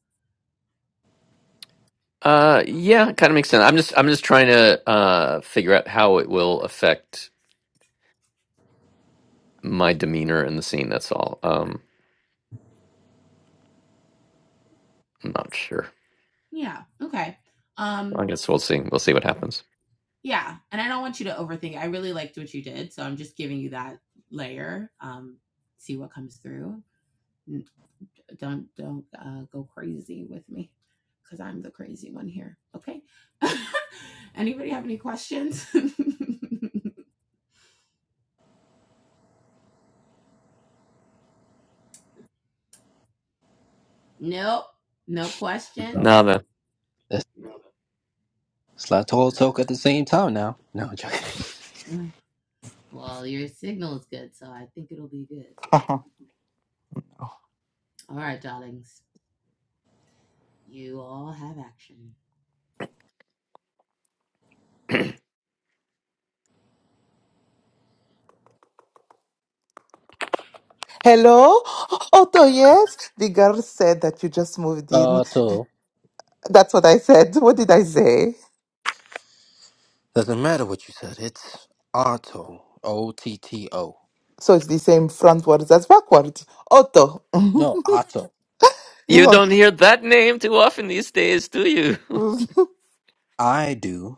Uh yeah, kind of makes sense. I'm just I'm just trying to uh figure out how it will affect my demeanor in the scene, that's all. Um I'm not sure.
Yeah. Okay.
I
Um
guess we'll see. We'll see what happens.
Yeah, and I don't want you to overthink. It. I really liked what you did, so I'm just giving you that layer. Um, see what comes through. Don't don't uh, go crazy with me, because I'm the crazy one here. Okay. Anybody have any questions? nope, no
No.
questions.
Nada.
That's, it's like all talk at the same time now. No, I'm joking.
Well, your signal is good, so I think it'll be good. Good. All right, darlings, you all have action.
Hello? Otto, yes? The girl said that you just moved in.
Otto.
That's what I said. What did I say?
Doesn't matter what you said. It's Otto. O T T O.
So it's the same frontwards as backwards. Otto,
No, Otto.
you
You
don't.
don't hear that name too often these days, do you?
I do.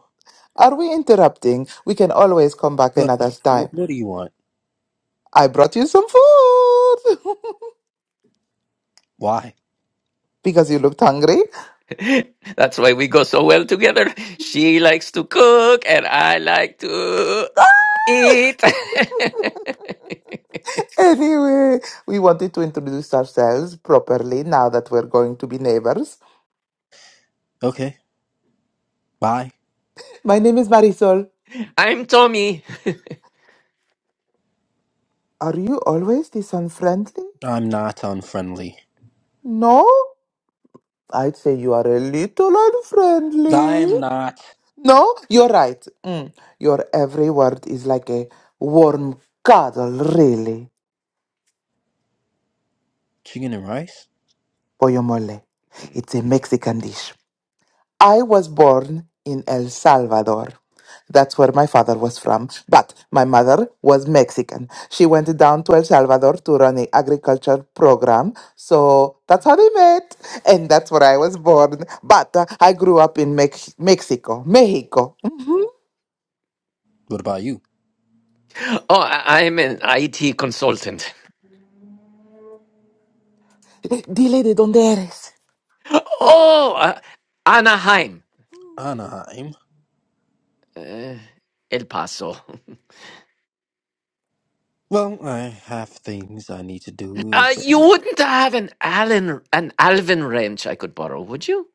Are we interrupting? We can always come back
But
another time.
what, what do you want?
I brought you some food
Why?
because you looked hungry.
That's why we go so well together. She likes to cook and I like to eat.
Anyway, we wanted to introduce ourselves properly now that we're going to be neighbors.
Okay, bye.
My name is Marisol.
I'm Tommy.
Are you always this unfriendly?
I'm not unfriendly.
No? I'd say you are a little
I
unfriendly.
am not
No, you're right. Mm. Your every word is like a warm cuddle, really,
chicken and rice.
pollo mole. It's a Mexican dish. I was born in El Salvador. That's where my father was from. But my mother was Mexican. She went down to El Salvador to run an agriculture program. So that's how they met. And that's where I was born. But uh, I grew up in Mex- Mexico. Mexico.
What about you,
Oh, I- I'm an IT consultant.
Dile de donde eres.
Oh, uh, Anaheim.
Anaheim?
Uh, El Paso.
Well, I have things I need to do.
Uh,
Is
you
that
wouldn't have an Allen, an Alvin wrench I could borrow, would you?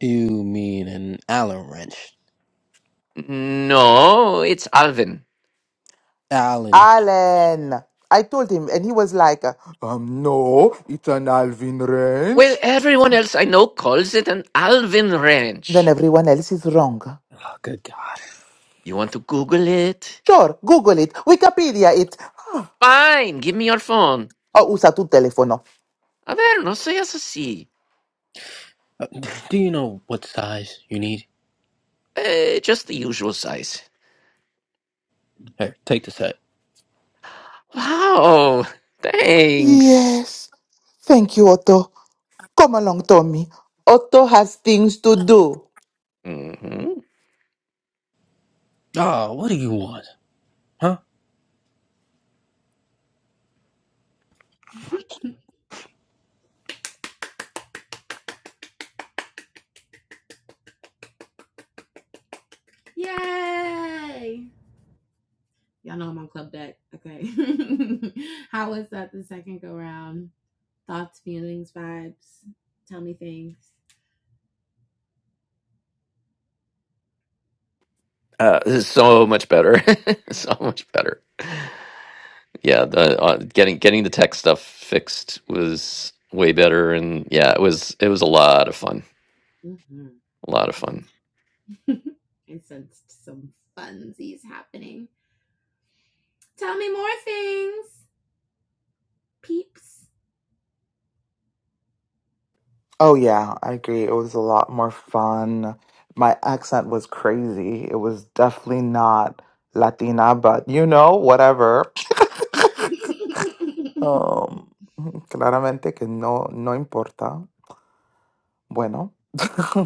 you mean an Allen wrench?
No, it's Alvin.
Allen.
Allen. I told him, and he was like, uh, um, no, it's an Alvin
Well,
range.
everyone else I know calls it an Alvin
Then
wrench.
everyone else is wrong.
Oh, good God.
You want to Google it?
Sure, Google it, Wikipedia it.
Fine, give me your phone.
Or usa tu telefono.
A ver, no seas así.
Uh, d- Do you know what size you need?
Eh, just the usual size.
Here, take the set.
Wow, thanks.
Yes, thank you, Otto. Come along, Tommy. Otto has things to do.
hmm
Oh, what do you want? Huh?
Yay! Y'all know I'm on club deck. Okay. How was that the second go round? Thoughts, feelings, vibes. Tell me things.
Uh, this is so much better. so much better. Yeah, the, uh, getting getting the tech stuff fixed was way better, and yeah, it was it was a lot of fun.
hmm
A lot of fun.
I sensed some funsies happening. Tell me more things, peeps.
Oh, yeah, I agree. It was a lot more fun. My accent was crazy. It was definitely not Latina, but you know, whatever. Um, claramente que no, no importa. Bueno.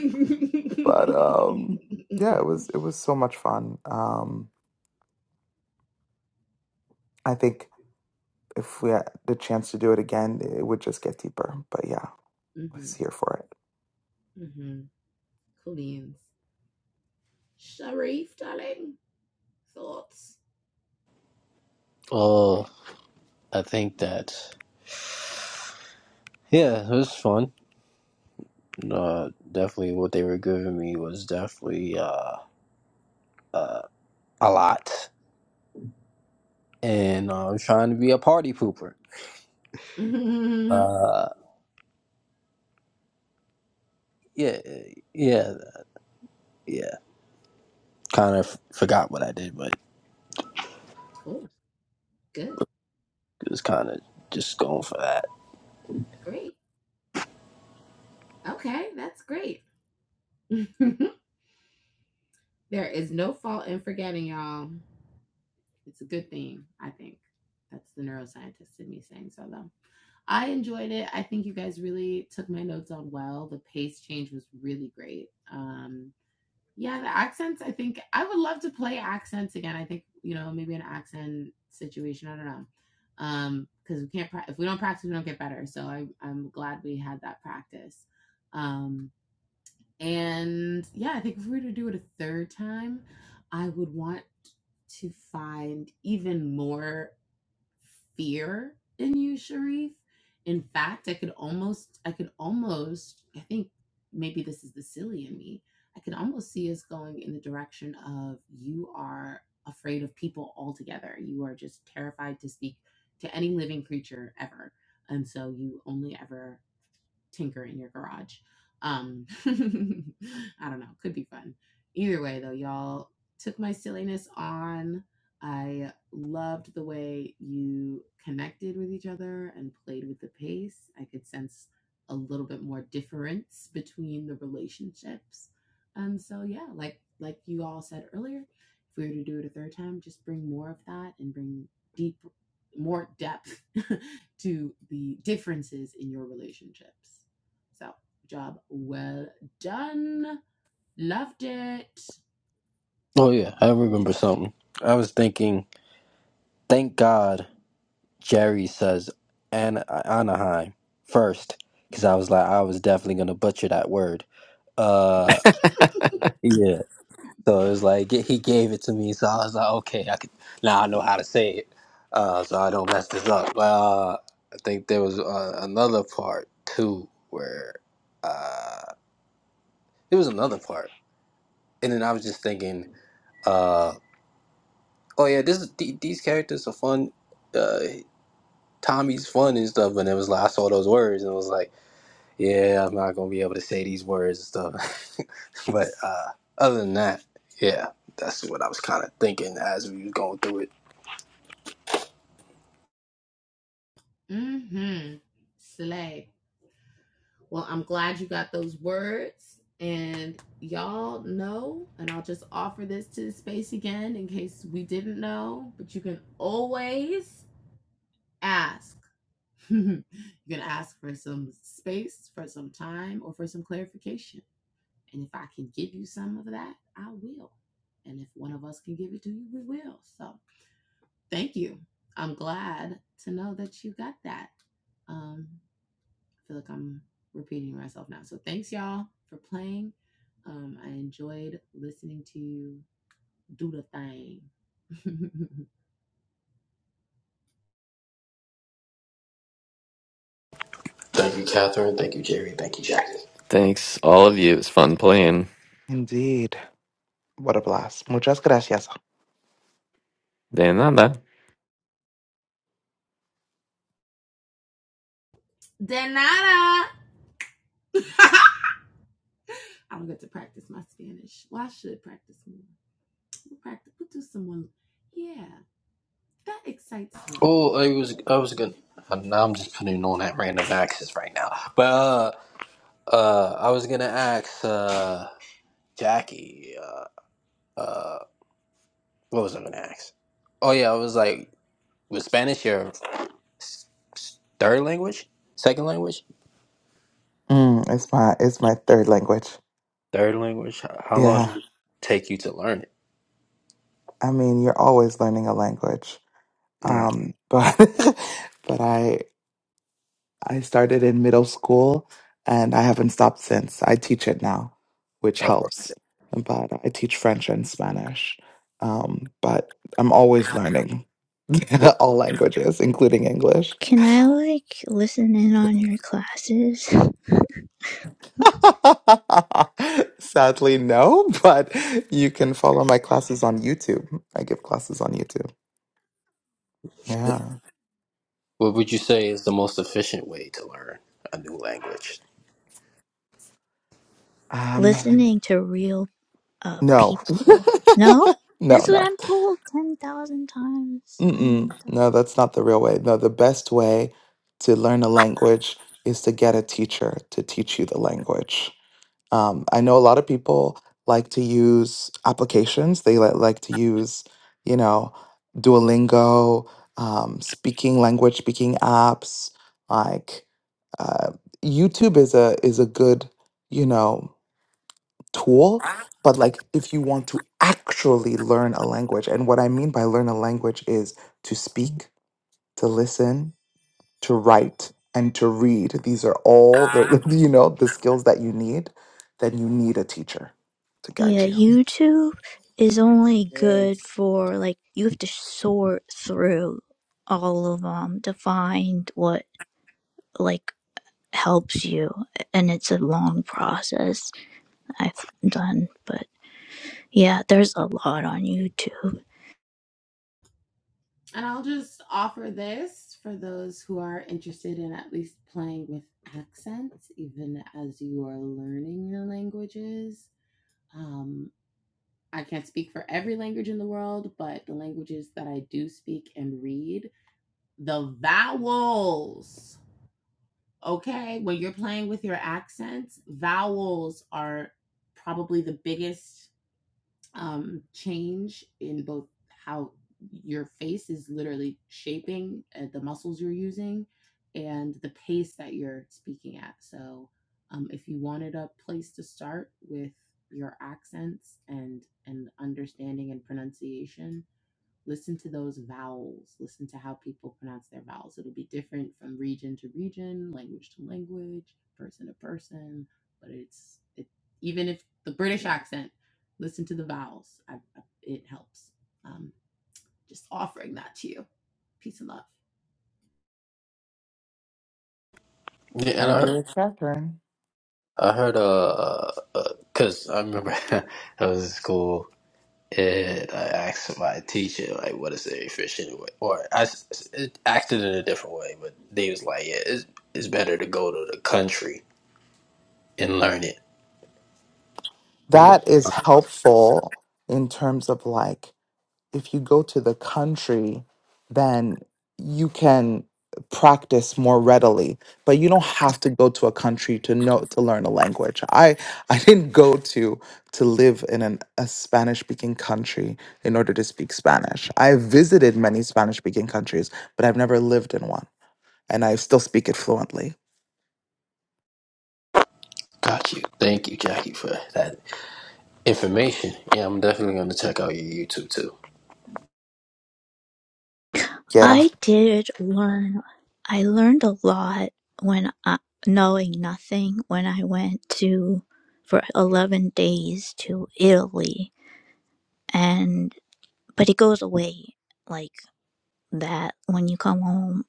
But um, yeah, it
mm
was it was so much fun. Um, I think if we had the chance to do it again, it would just get deeper. But yeah, I
hmm
was here for it.
mm hmm Cool beans. Sharif, darling. Thoughts.
Oh, I think that. Yeah, it was fun. Uh, definitely what they were giving me was definitely. uh. uh, a lot, and uh, I'm trying to be a party pooper. Uh, yeah, yeah, yeah. Kind of forgot what I did, but
cool. Good.
it was kind of just going for that.
Great. Okay. That's great. there is no fault in forgetting, y'all. It's a good thing, I think. That's the neuroscientist in me saying so, though. I enjoyed it. I think you guys really took my notes on well. The pace change was really great. Um, Yeah, the accents. I think I would love to play accents again. I think you know maybe an accent situation. I don't know, um, because we can't pra- if we don't practice, we don't get better. So I, I'm glad we had that practice. Um, and yeah, I think if we were to do it a third time, I would want to find even more fear in you, Sharif. In fact, I could almost, I could almost, I think maybe this is the silly in me. I can almost see us going in the direction of you are afraid of people altogether. You are just terrified to speak to any living creature ever. And so you only ever tinker in your garage. Um, I don't know. Could be fun. Either way, though, y'all took my silliness on. I loved the way you connected with each other and played with the pace. I could sense a little bit more difference between the relationships. And so, yeah, like like you all said earlier, if we were to do it a third time, just bring more of that and bring deep more depth to the differences in your relationships. So, job well done. Loved it.
Oh yeah, I remember something. I was thinking, thank God Jerry says An- Anaheim first, because I was like, I was definitely gonna butcher that word. Uh, yeah. So it was like he gave it to me, so I was like, okay, I could now I know how to say it, uh, so I don't mess this up. But uh, I think there was uh, another part too where uh, it was another part, and then I was just thinking, uh, oh yeah, this is, th- these characters are fun. Uh, Tommy's fun and stuff, and it was like I saw those words and it was like, yeah, I'm not gonna be able to say these words and stuff. but uh, other than that, yeah, that's what I was kind of thinking as we was going through it.
Mm-hmm. Slay. Well, I'm glad you got those words. And y'all know, and I'll just offer this to the space again in case we didn't know, but you can always ask. you can ask for some space, for some time, or for some clarification. And if I can give you some of that, I will. And if one of us can give it to you, we will. So thank you. I'm glad to know that you got that. Um, I feel like I'm repeating myself now. So thanks y'all for playing. Um, I enjoyed listening to you do the thing.
Thank you, Catherine. Thank you, Jerry. Thank you, Jackie.
Thanks, all of you. It's fun playing.
Indeed. What a blast. Muchas gracias.
De nada.
De nada. I don't get to practice my Spanish. Well, I should practice more. We'll practice. We'll do some more. Yeah, that excites me.
Oh, I was I was gonna. uh, Now I'm just putting on that random access right now. But uh, uh, I was gonna ask uh, Jackie. Uh, uh, what was I gonna ask? Oh yeah, I was like, was Spanish your s- s- third language, second language,
Mm, it's my it's my third language.
third language? How how long did
Yeah.
it take you to learn it?
I mean, you're always learning a language.
All right.
Um, but but I I started in middle school and I haven't stopped since. I teach it now, which
Uh,
helps. But I teach French and Spanish. Um, but I'm always learning
what
all languages, including English.
Can I like listen in on your classes?
Sadly, no, but you can follow my classes on YouTube. I give classes on YouTube. Yeah.
what would you say is the most efficient way to learn a new language?
Um,
Listening to real uh
no,
people. No?
no,
That's
no.
what I'm told 10,000 times. when I'm
Mm-mm.
done.
No, that's not the real way. No, the best way to learn a language is to get a teacher to teach you the language. Um, I know a lot of people like to use applications. They li- like to use, you know, Duolingo, um, speaking language speaking apps. Like uh, YouTube is a is a good, you know, tool. But like, if you want to actually learn a language, and what I mean by learn a language is to speak to listen, to write, and to read. These are all
Yeah,
the you know the skills that you need. Then you need a teacher to guide
Yeah,
you.
YouTube is only good
Yes.
for like you have to sort through all of them to find what like helps you, and it's a long process I've done. But yeah, there's a lot on YouTube.
And I'll just offer this for those who are interested in at least playing with accents, even as you are learning your languages. Um, I can't speak for every language in the world, but the languages that I do speak and read, the vowels, okay? When you're playing with your accents, vowels are probably the biggest um, change in both how your face is literally shaping uh, the muscles you're using and the pace that you're speaking at. So, um, if you wanted a place to start with your accents and and understanding and pronunciation, Listen to those vowels. Listen to how people pronounce their vowels. It'll be different from region to region, language to language, person to person. But it's it, even if the British accent, listen to the vowels. I, I, it helps. Um, just offering that to you. Peace and love.
I
and
agree
I,
with Catherine.
I heard, uh, because I remember I was in school and I asked my teacher, like, what is the efficient way? Or I s- s- it asked it in a different way, but they was like, yeah, it's, it's better to go to the country and learn it. Yeah.
That is helpful in terms of like if you go to the country, then you can practice more readily. But you don't have to go to a country to know to learn a language. I I didn't go to to live in an, a Spanish speaking country in order to speak Spanish. I visited many Spanish speaking countries, but I've never lived in one, and I still speak it fluently.
Got you. Thank you, Jackie, for that information. Yeah, I'm definitely going to check out your YouTube too.
Yeah.
I did learn. I learned a lot when I, knowing nothing when I went to for eleven days to Italy, and but it goes away like. that when you come home,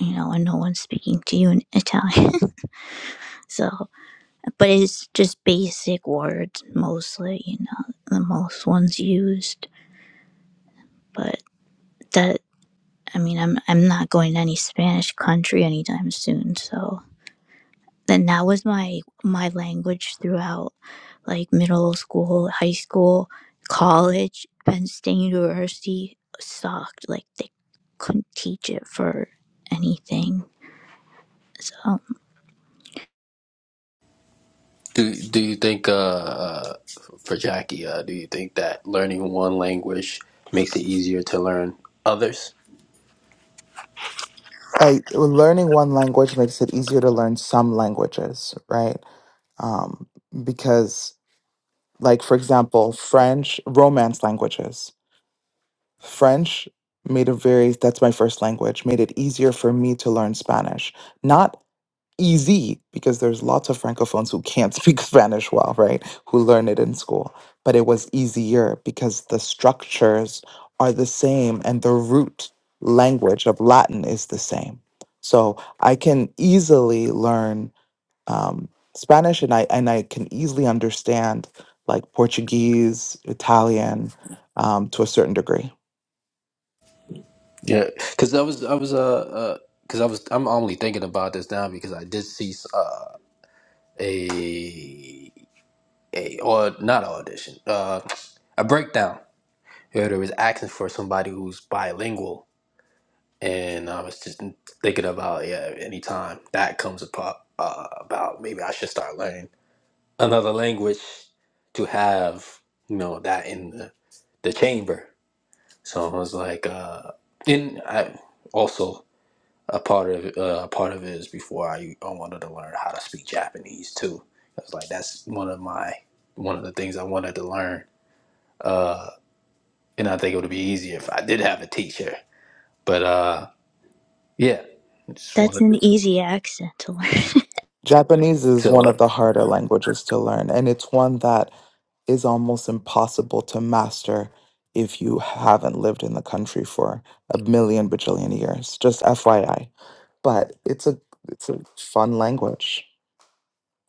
you know, and no one's speaking to you in Italian. so, but it's just basic words mostly, you know, the most ones used. But that, I mean, I'm I'm not going to any Spanish country anytime soon. So, and that was my my language throughout, like middle school, high school, college, Penn State University sucked. Like they couldn't teach it for anything. So.
Do, do you think, uh, uh, for Jackie, uh, do you think that learning one language makes it easier to learn others?
I, learning one language makes it easier to learn some languages, right? Um, because like for example french romance languages french made it very that's my first language made it easier for me to learn spanish not easy because there's lots of francophones who can't speak spanish well right who learn it in school but it was easier because the structures are the same and the root language of latin is the same so i can easily learn um, Spanish, and I and I can easily understand like Portuguese, Italian, um, to a certain degree.
Yeah, because I was, I was, uh, because I was, I'm only thinking about this now because I did see uh, a a or not an audition, uh, a breakdown where there was asking for somebody who's bilingual, and I was just thinking about yeah, anytime that comes about, uh, about maybe I should start learning another language to have you know that in the, the chamber. So I was like, uh, and I also. a part of uh, a part of it is before I, I wanted to learn how to speak Japanese too. I was like, that's one of my one of the things I wanted to learn. Uh, and I think it would be easier if I did have a teacher. But uh, yeah, I just
That's
wanted to
an easy accent to learn.
Japanese is one
fill up.
of the harder languages to learn, and it's one that is almost impossible to master if you haven't lived in the country for a million bajillion years. Just FYI, but it's a it's a fun language.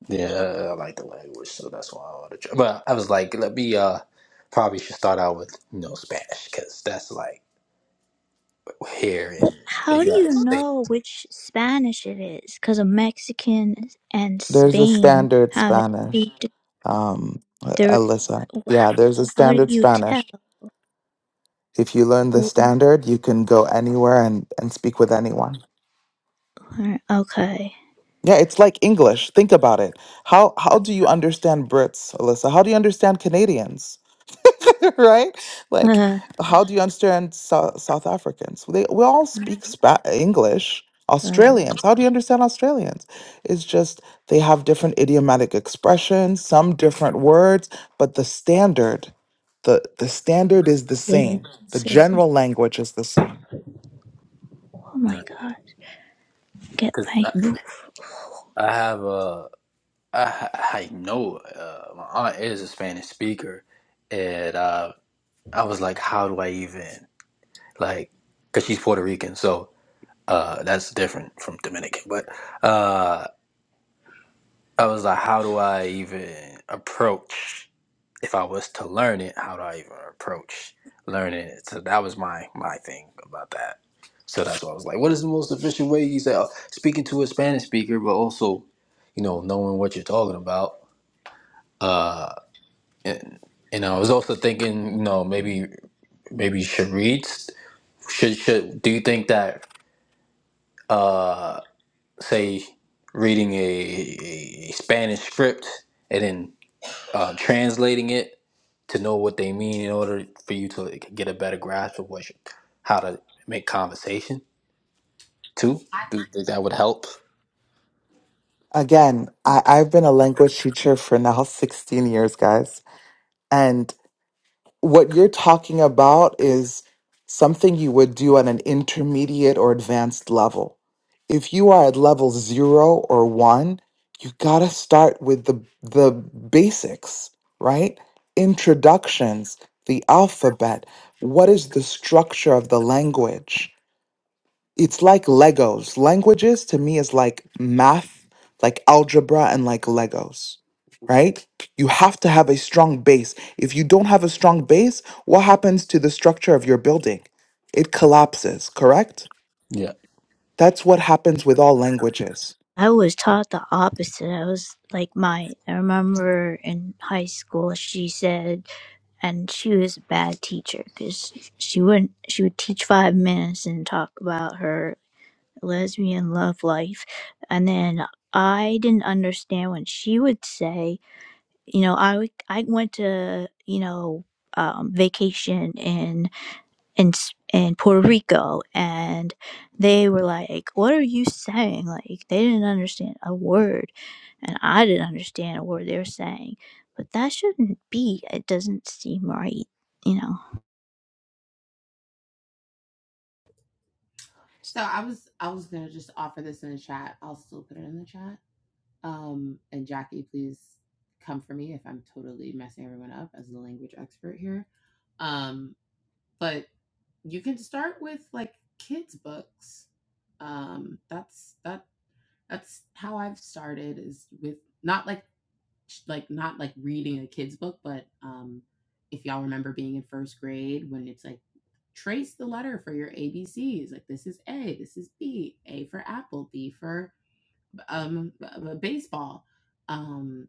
Yeah, I like the language, so that's why I wanted to. Try. But I was like, let me uh, probably should start out with you know Spanish because that's like here in the
How do you
United States.
know which Spanish it is? Because a Mexican and
There's a
Spain
standard
have
Spanish,
two di-
um, uh,
there.
Alyssa. Yeah, there's a
How do
standard
you
Spanish
tell?
If you learn the standard, you can go anywhere and, and speak with anyone.
Okay.
Yeah, it's like English. Think about it. How how do you understand Brits, Alyssa? How do you understand Canadians? right? Like,
Uh,
how do you understand South, South Africans? They, we all speak spa- English.
right.
Australians, how do you understand Australians? It's just they have different idiomatic expressions, some different words, but the standard, the the standard is the
Yeah.
same. The
Say-
general language is the same.
Oh my god. Get
Because
my.
I, I have a. I, I know uh, my aunt is a Spanish speaker, and uh, I was like, how do I even like? Because she's Puerto Rican, so uh, that's different from Dominican. But uh, I was like, how do I even approach if I was to learn it? How do I even approach learning it? So that was my my thing about that. So that's why I was like, what is the most efficient way? You say uh, speaking to a Spanish speaker, but also, you know, knowing what you're talking about. uh, and and I was also thinking, you know, maybe maybe Sharit's should should do you think that uh say reading a, a Spanish script and then uh, translating it to know what they mean in order for you to like, get a better grasp of what you, how to make conversation too?
I,
Do you think that would help?
Again, I, I've been a language teacher for now 16 years, guys. And what you're talking about is something you would do on an intermediate or advanced level. If you are at level zero or one, you gotta start with the the basics, right? Introductions, the alphabet, what is the structure of the language? it's like Legos. Languages to me is like math, like algebra, and like Legos, right? You have to have a strong base. If you don't have a strong base, what happens to the structure of your building? It collapses, correct?
Yeah,
That's what happens with all languages.
I was taught the opposite. I was like my. I remember in high school, she said. and she was a bad teacher because she wouldn't she would teach five minutes and talk about her lesbian love life and then i didn't understand when she would say you know i would- i went to you know um, vacation in S- in Puerto Rico and they were like what are you saying like they didn't understand a word and I didn't understand a word they were saying but that shouldn't be it doesn't seem right you know
so I was I was gonna just offer this in the chat. I'll still put it in the chat. Um, and Jackie, please come for me if I'm totally messing everyone up as the language expert here. Um, but you can start with like kids' books. Um, that's that that's how I've started is with not like like not like reading a kid's book, but um, if y'all remember being in first grade when it's like trace the letter for your ABCs. Like this is A, this is B, A for apple, B for um b- b- baseball. Um,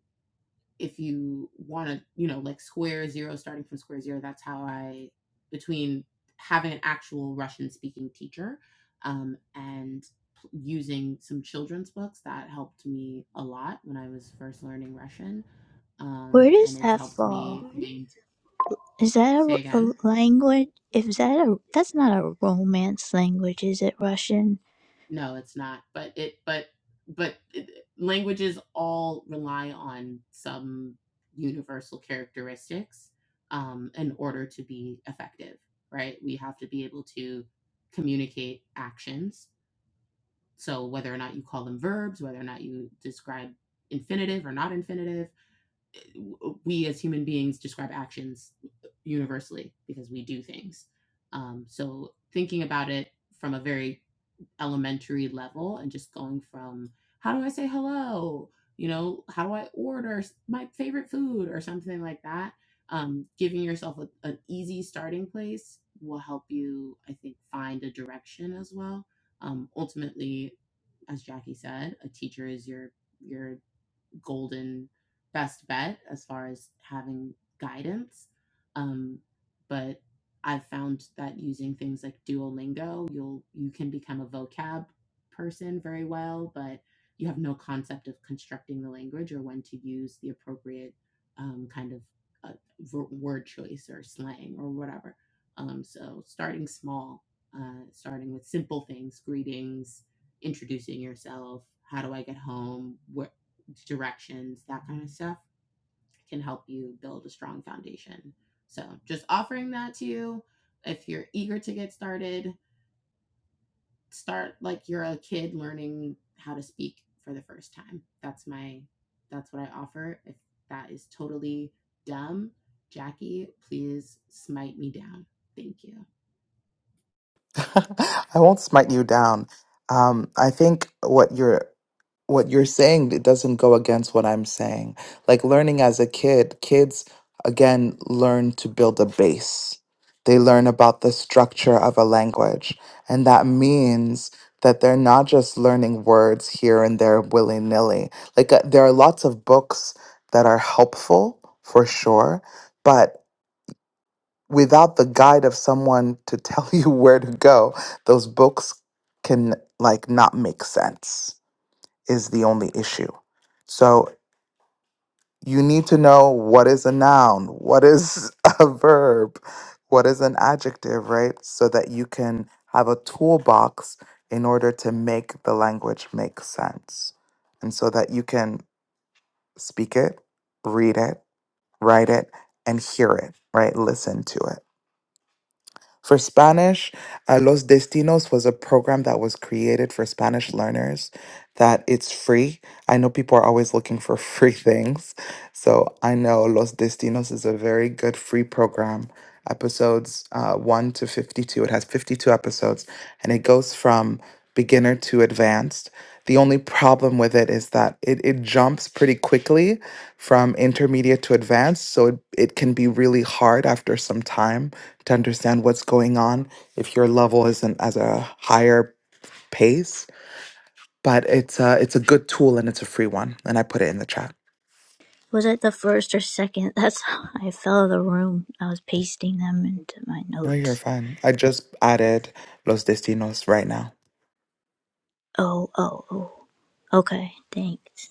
if you want to, you know, like square zero, starting from square zero, that's how I, between having an actual Russian speaking teacher um, and p- using some children's books, that helped me a lot when I was first learning Russian.
where
Um,
does
and it's
that
helped me.
fall is that
Say
a,
again.
a language If is that a that's not a romance language is it Russian
No, it's not, but it but but it languages all rely on some universal characteristics, um, in order to be effective, right? We have to be able to communicate actions. So whether or not you call them verbs, whether or not you describe infinitive or not infinitive, we as human beings describe actions universally because we do things. Um, so thinking about it from a very elementary level and just going from how do I say hello? You know, how do I order my favorite food or something like that? Um, giving yourself a, an easy starting place will help you, I think, find a direction as well. Um, ultimately, as Jackie said, a teacher is your your golden best bet as far as having guidance. Um, but I've found that using things like Duolingo, you'll you can become a vocab person very well, but you have no concept of constructing the language or when to use the appropriate um, kind of uh, v- word choice or slang or whatever. Um, so starting small, uh, starting with simple things, greetings, introducing yourself, how do I get home, wh- directions, that kind of stuff can help you build a strong foundation. So, just offering that to you. If you're eager to get started, start like you're a kid learning how to speak for the first time. That's my that's what I offer. If that is totally dumb, Jackie, please smite me down. Thank you.
I won't smite you down. Um, I think what you're what you're saying it doesn't go against what I'm saying. Like learning as a kid, kids again learn to build a base. They learn about the structure of a language. And that means that they're not just learning words here and there willy nilly. Like uh, there are lots of books that are helpful for sure, but without the guide of someone to tell you where to go, those books can like not make sense is the only issue. So you need to know what is a noun, what is a verb, what is an adjective, right? So that you can have a toolbox in order to make the language make sense. And so that you can speak it, read it, write it, and hear it, right? Listen to it. For Spanish, uh, Los Destinos was a program that was created for Spanish learners that it's free. I know people are always looking for free things. So I know Los Destinos is a very good free program. Episodes uh, 1 to 52. It has 52 episodes and it goes from beginner to advanced. The only problem with it is that it, it jumps pretty quickly from intermediate to advanced. So it, it can be really hard after some time to understand what's going on if your level isn't as a higher pace. But it's a, it's a good tool and it's a free one. And I put it in the chat.
was it the first or second that's how I fell out of the room I was pasting them into my
No, you're
notes
fine. I just added Los Destinos right now.
oh oh oh okay thanks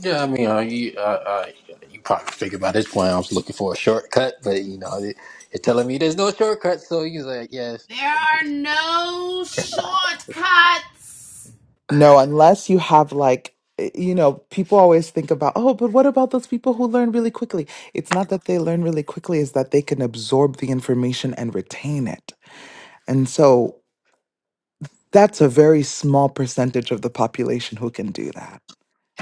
yeah. I mean, uh, you uh, uh, you probably figure by this point I was looking for a shortcut, but you know, they- you're telling me there's no shortcut, so you like, yeah.
There are no shortcuts.
No, unless you have like, eh, you know, people always think about, oh, but what about those people who learn really quickly? It's not that they learn really quickly, it's that they can absorb the information and retain it. And so that's a very small percentage of the population who can do that,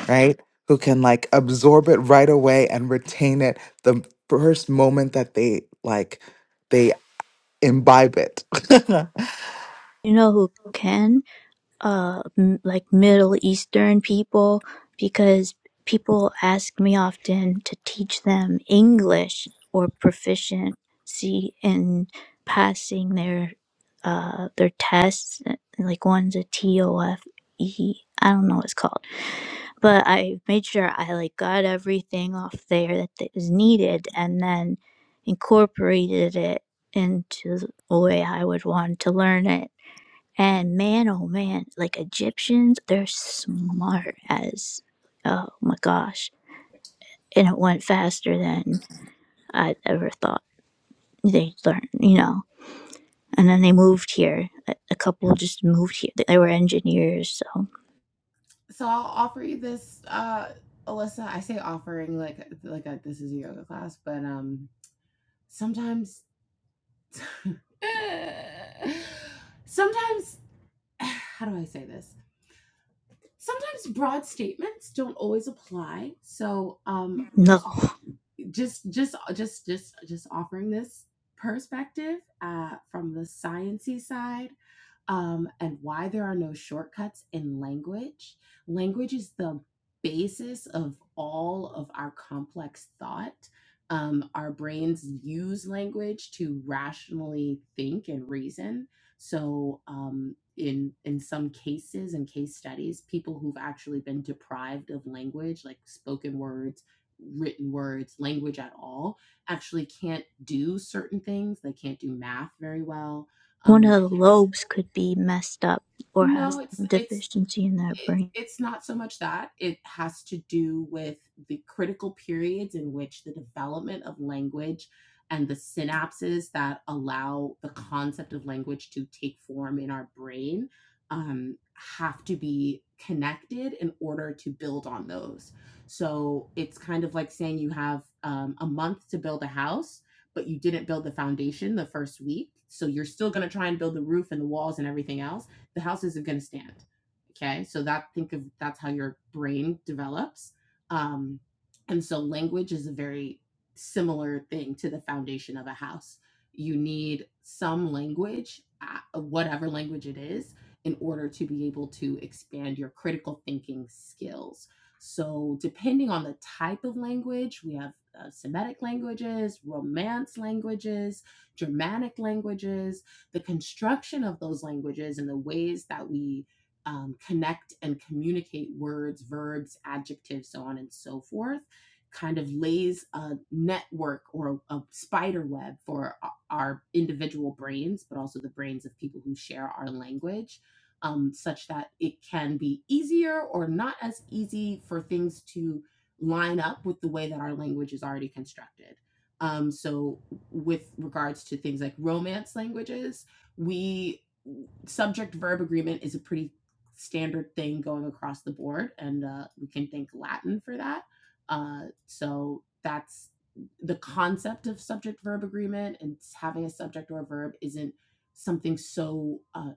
right? Who can like absorb it right away and retain it the first moment that they like, they imbibe it.
you know who can uh m- like middle eastern people because people ask me often to teach them english or proficiency in passing their uh their tests uh, like one's a tofe i don't know what it's called but i made sure i like got everything off there that that is needed and then incorporated it into the way i would want to learn it and man, oh man, like Egyptians, they're smart as oh my gosh. And it went faster than I ever thought they learned, you know. And then they moved here. A a couple just moved here. They were engineers, so
so I'll offer you this, uh, Alyssa. I say offering like like a, this is a yoga class, but um, sometimes, sometimes, how do I say this? Sometimes broad statements don't always apply. So um,
no.
just just just just just just offering this perspective uh, from the sciencey side um, and why there are no shortcuts in language. Language is the basis of all of our complex thought. Um, our brains use language to rationally think and reason. So, um, in in some cases and case studies, people who've actually been deprived of language, like spoken words, written words, language at all, actually can't do certain things. They can't do math very well.
One
Um,
of
they
the
can't.
lobes could be messed up or have
No,
some
it's it's
deficiency in their
it,
brain.
it's not so much that it has to do with the critical periods in which the development of language and the synapses that allow the concept of language to take form in our brain um, have to be connected in order to build on those. So it's kind of like saying you have um, a month to build a house, but you didn't build the foundation the first week. So you're still going to try and build the roof and the walls and everything else. The house isn't going to stand Okay, so that think of that's how your brain develops. Um, and so language is a very similar thing to the foundation of a house. You need some language, uh, whatever language it is, in order to be able to expand your critical thinking skills. So, depending on the type of language, we have uh, Semitic languages, Romance languages, Germanic languages, the construction of those languages and the ways that we um, connect and communicate words, verbs, adjectives, so on and so forth, kind of lays a network or a, a spider web for our individual brains, but also the brains of people who share our language, um, such that it can be easier or not as easy for things to line up with the way that our language is already constructed. Um, so, with regards to things like romance languages, we subject verb agreement is a pretty standard thing going across the board, and uh, we can thank Latin for that. Uh, so that's the concept of subject verb agreement and having a subject or a verb isn't something so uh,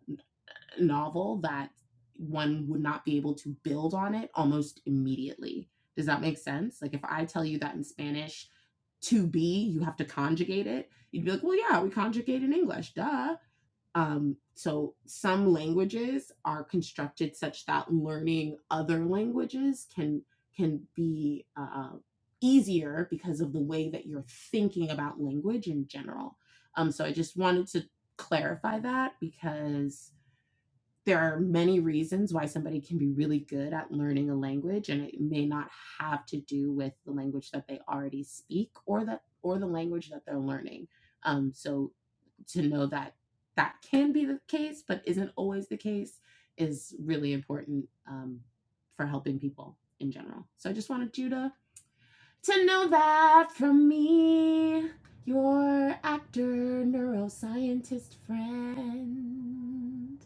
novel that one would not be able to build on it almost immediately. Does that make sense? Like if I tell you that in Spanish, to be, you have to conjugate it. You'd be like, well, yeah, we conjugate in English, duh. Um, so some languages are constructed such that learning other languages can can be uh, easier because of the way that you're thinking about language in general. Um, so I just wanted to clarify that because there are many reasons why somebody can be really good at learning a language and it may not have to do with the language that they already speak or that or the language that they're learning um, so to know that that can be the case but isn't always the case is really important um, for helping people in general so i just wanted you to to know that from me your actor neuroscientist friend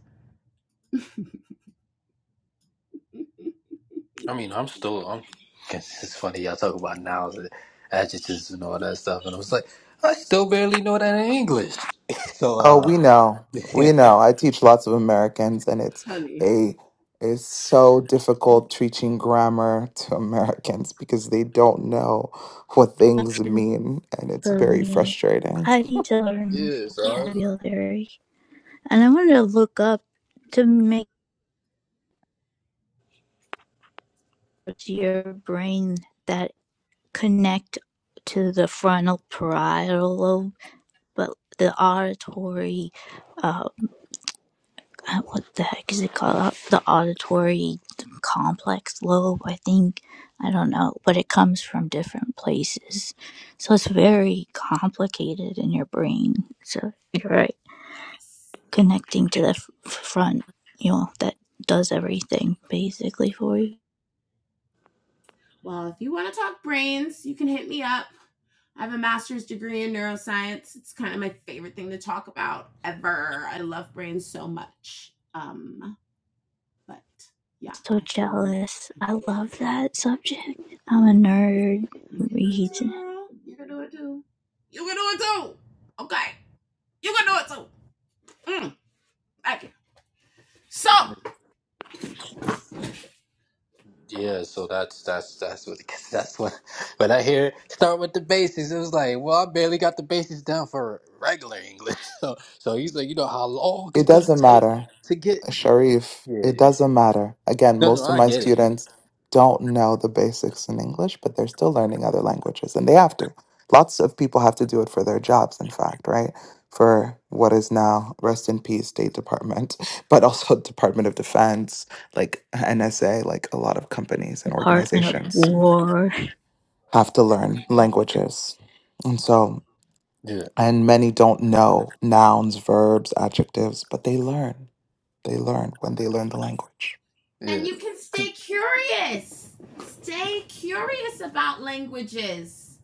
I mean, I'm still. I'm. It's funny y'all talk about nouns and adjectives and all that stuff, and I was like, I still barely know that in English. so,
Oh,
uh,
we know.
yeah.
We know. I teach lots of Americans and it's
Honey.
a it's so difficult teaching grammar to Americans because they don't know what things
Actually,
mean and it's
For
very
me,
frustrating.
I need to learn
So I was
vocabulary. And I wanted to look up to make your brain that connect to the frontal parietal lobe, but the auditory, uh, uh, what the heck is it called? Uh, The auditory complex lobe, I think. I don't know, but it comes from different places. So it's very complicated in your brain. So you're right.
Yes.
Connecting to the f- front, you know, that does everything basically for you.
Well, if you want to talk brains, you can hit me up. I have a master's degree in neuroscience. It's kind of my favorite thing to talk about ever. I love brains so much. Um, but yeah,
So
I feel
jealous.
I
I
feel
love that subject. I'm a nerd.
you can do it
Reads.
too, girl. You can do it too. You can do it too. Okay. You can. Mm, Okay. So,
like, yeah. So that's that's that's what cause that's what when I hear start with the basics, it was like, well, I barely got the basics down for regular English. So so he's like, you know how long it's
It
gonna
doesn't
take
matter.
to get.
Sharif,
Yeah.
it doesn't matter. Again,
No, no,
most of
I
my
get it.
students don't know the basics in English, but they're still learning other languages and they have to. Lots of people have to do it for their jobs, in fact, right? For what is now, rest in peace, State Department, but also Department of Defense, like NSA, like a lot of companies and
Department of
organizations
War.
have to learn languages. And so,
Yeah,
and many don't know nouns, verbs, adjectives, but they learn. They learn when they learn the language.
and
yeah.
you can stay
'Cause-
curious. Stay curious about languages.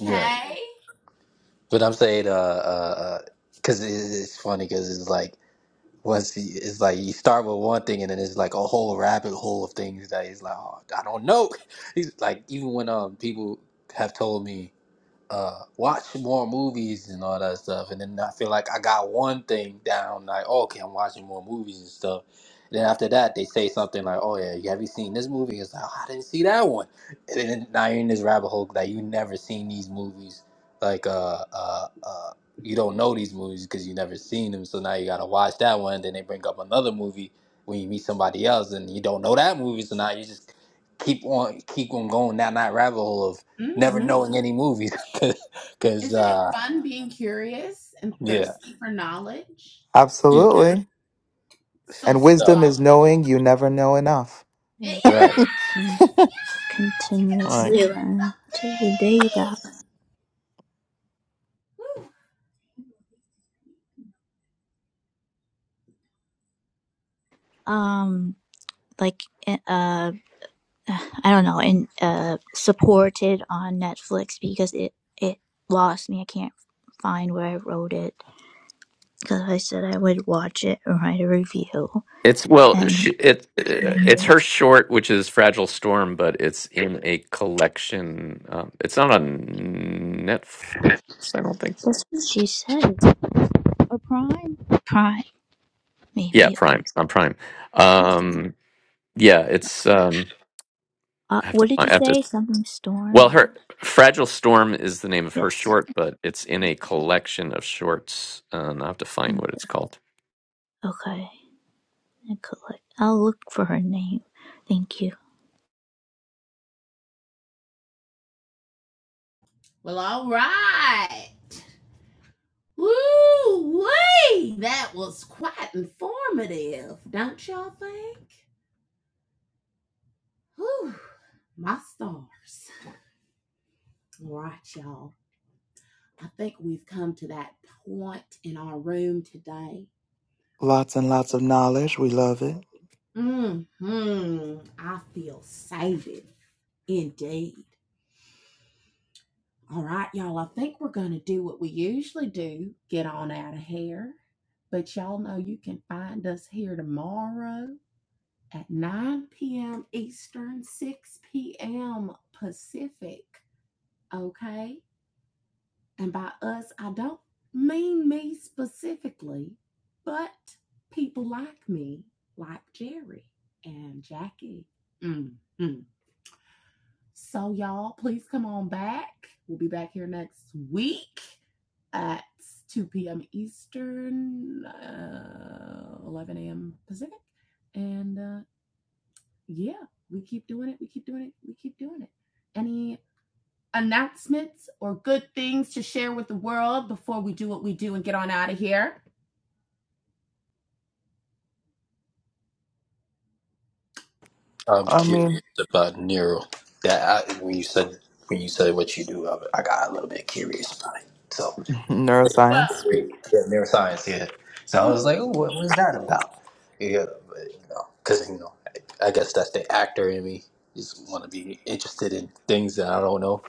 You're right. But I'm saying, uh, uh, because it, it's funny because it's like once you, it's like you start with one thing and then it's like a whole rabbit hole of things that he's like, oh, I don't know. He's like, even when um people have told me uh, watch more movies and all that stuff. And then I feel like I got one thing down, like, oh, okay, I'm watching more movies and stuff. And then after that, they say something like, oh, yeah, have you seen this movie? It's like, oh, I didn't see that one. And then now you're in this rabbit hole that you never seen these movies. Like, uh, uh, uh, you don't know these movies because you never seen them. So now you got to watch that one. Then they bring up another movie when you meet somebody else and you don't know that movie. So now you just keep on keep on going down that rabbit hole of
Mm.
never
Hmm.
knowing any movies because
Isn't it
uh
fun being curious and
yeah
thirsty for knowledge?
yeah
Absolutely.
So
And
so
wisdom is
scholarly.
knowing you never know enough.
Yes!
I
right
um,
Yes! You can always
continuously
Like,
learn to the data.
learn something! Woo.
Um, like eh, uh, I don't know, and uh, supported on Netflix because it it lost me. I can't find where I wrote it because I said I would watch it and write a review.
It's well, sh
And
it
um,
it's her
that's
short, which is Fragile Storm, but it's in a collection. Um, it's not on Netflix, I don't think.
what she said. Or Prime, Prime,
Yeah,
maybe.
Prime on Prime. Um, yeah, it's. Um,
Uh,
I have to.
what did
I
you
have to.
say? Something Storm.
Well, her Fragile Storm is the name of her
Yes.
short, but it's in a collection of shorts, and I will have to find
Hmm.
what it's called.
Okay. I could. like, I'll look for her name. Thank you.
Well, all right. Woo! Wee! That was quite informative, don't y'all think? Whew. My stars. All right, y'all. I think we've come to that point in our room today.
Lots and lots of knowledge. We love it.
hmm I feel sated. Indeed. All right, y'all. I think we're going to do what we usually do get on out of here. But y'all know you can find us here tomorrow at 9 p.m. Eastern, 6 p.m. Pacific. Okay. And by us, I don't mean me specifically, but people like me, like Jerry and Jackie. Mm, mm. So, y'all, please come on back. We'll be back here next week at 2 p.m. Eastern, uh, 11 a.m. Pacific. And uh, yeah, we keep doing it. We keep doing it. We keep doing it. Any announcements or good things to share with the world before we do what we do and get on out of here?
i'm
I
curious
mean,
about nero that I, when you said when you said what you do i, I got a little bit curious about it so
Well,
neuroscience.
great. yeah, neuroscience yeah so i was like Ooh, what was that about yeah but, you know because you know I, I guess that's the actor in me just want to be interested in things that i don't know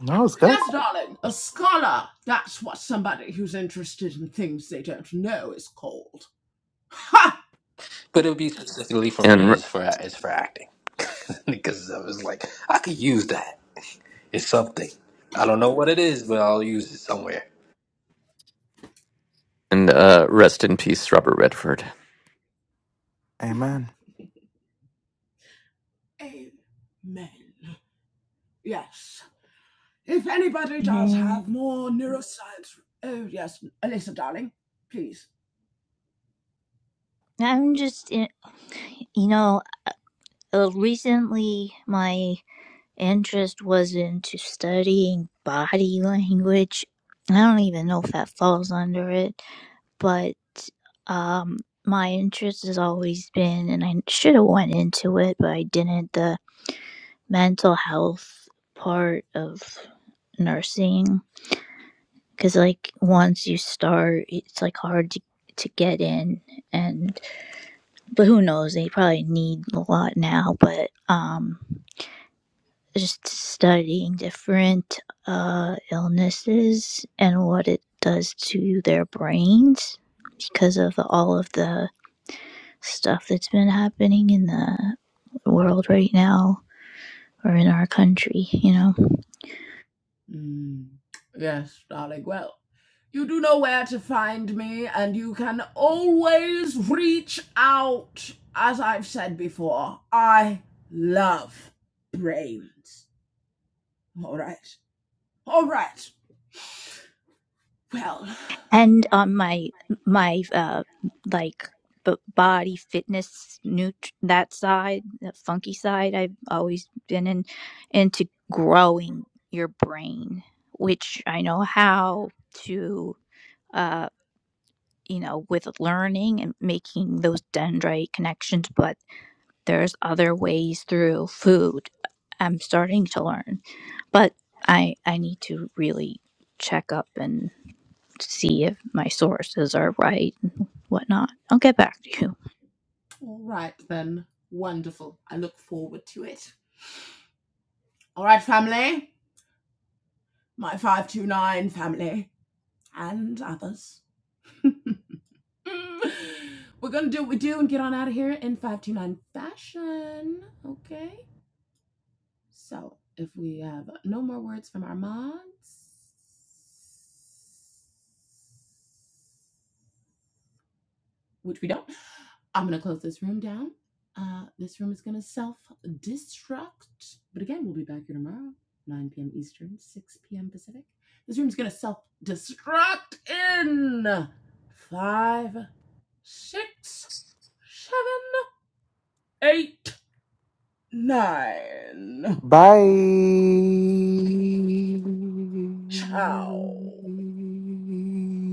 No, it's good.
yes, darling, a scholar, that's what somebody who's interested in things they don't know is called. Ha!
but it would be specifically for
And
me
r-
is for is for acting because i was like i could use that It's something. I don't know what it is, but I'll use it somewhere.
and uh, rest in peace, Robert Redford.
Amen.
Amen. Yes. If anybody does
Man,
have more neuroscience, oh yes, Alyssa, darling, please.
I'm just, in, you know, uh, recently my interest was into studying body language. I don't even know if that falls under it, but um, my interest has always been, and I should have went into it, but I didn't. The mental health part of nursing because like once you start it's like hard to to get in and but who knows they probably need a lot now but um just studying different uh illnesses and what it does to their brains because of all of the stuff that's been happening in the world right now or in our country you know
Mm, yes, darling. Well, you do know where to find me, and you can always reach out. As I've said before, I love brains. All right. All right. Well,
and on my my uh like b- body fitness nut that side the funky side i've always been in into growing your brain which i know how to uh you know with learning and making those dendrite connections but there's other ways through food i'm starting to learn but i i need to really check up see if my sources are right and whatnot. I'll get back to you.
all right then. Wonderful. I look forward to it. All right, family. my 529 family, and others. We're gonna do what we do and get on out of here in 529 fashion. Okay? So, if we have no more words from our mods, which we don't, I'm going to close this room down. Uh, this room is going to self destruct. But again, we'll be back here tomorrow, 9 p.m. Eastern, 6 p.m. Pacific. This room is going to self destruct in five, six, seven, eight, nine. Ciao.
Bye.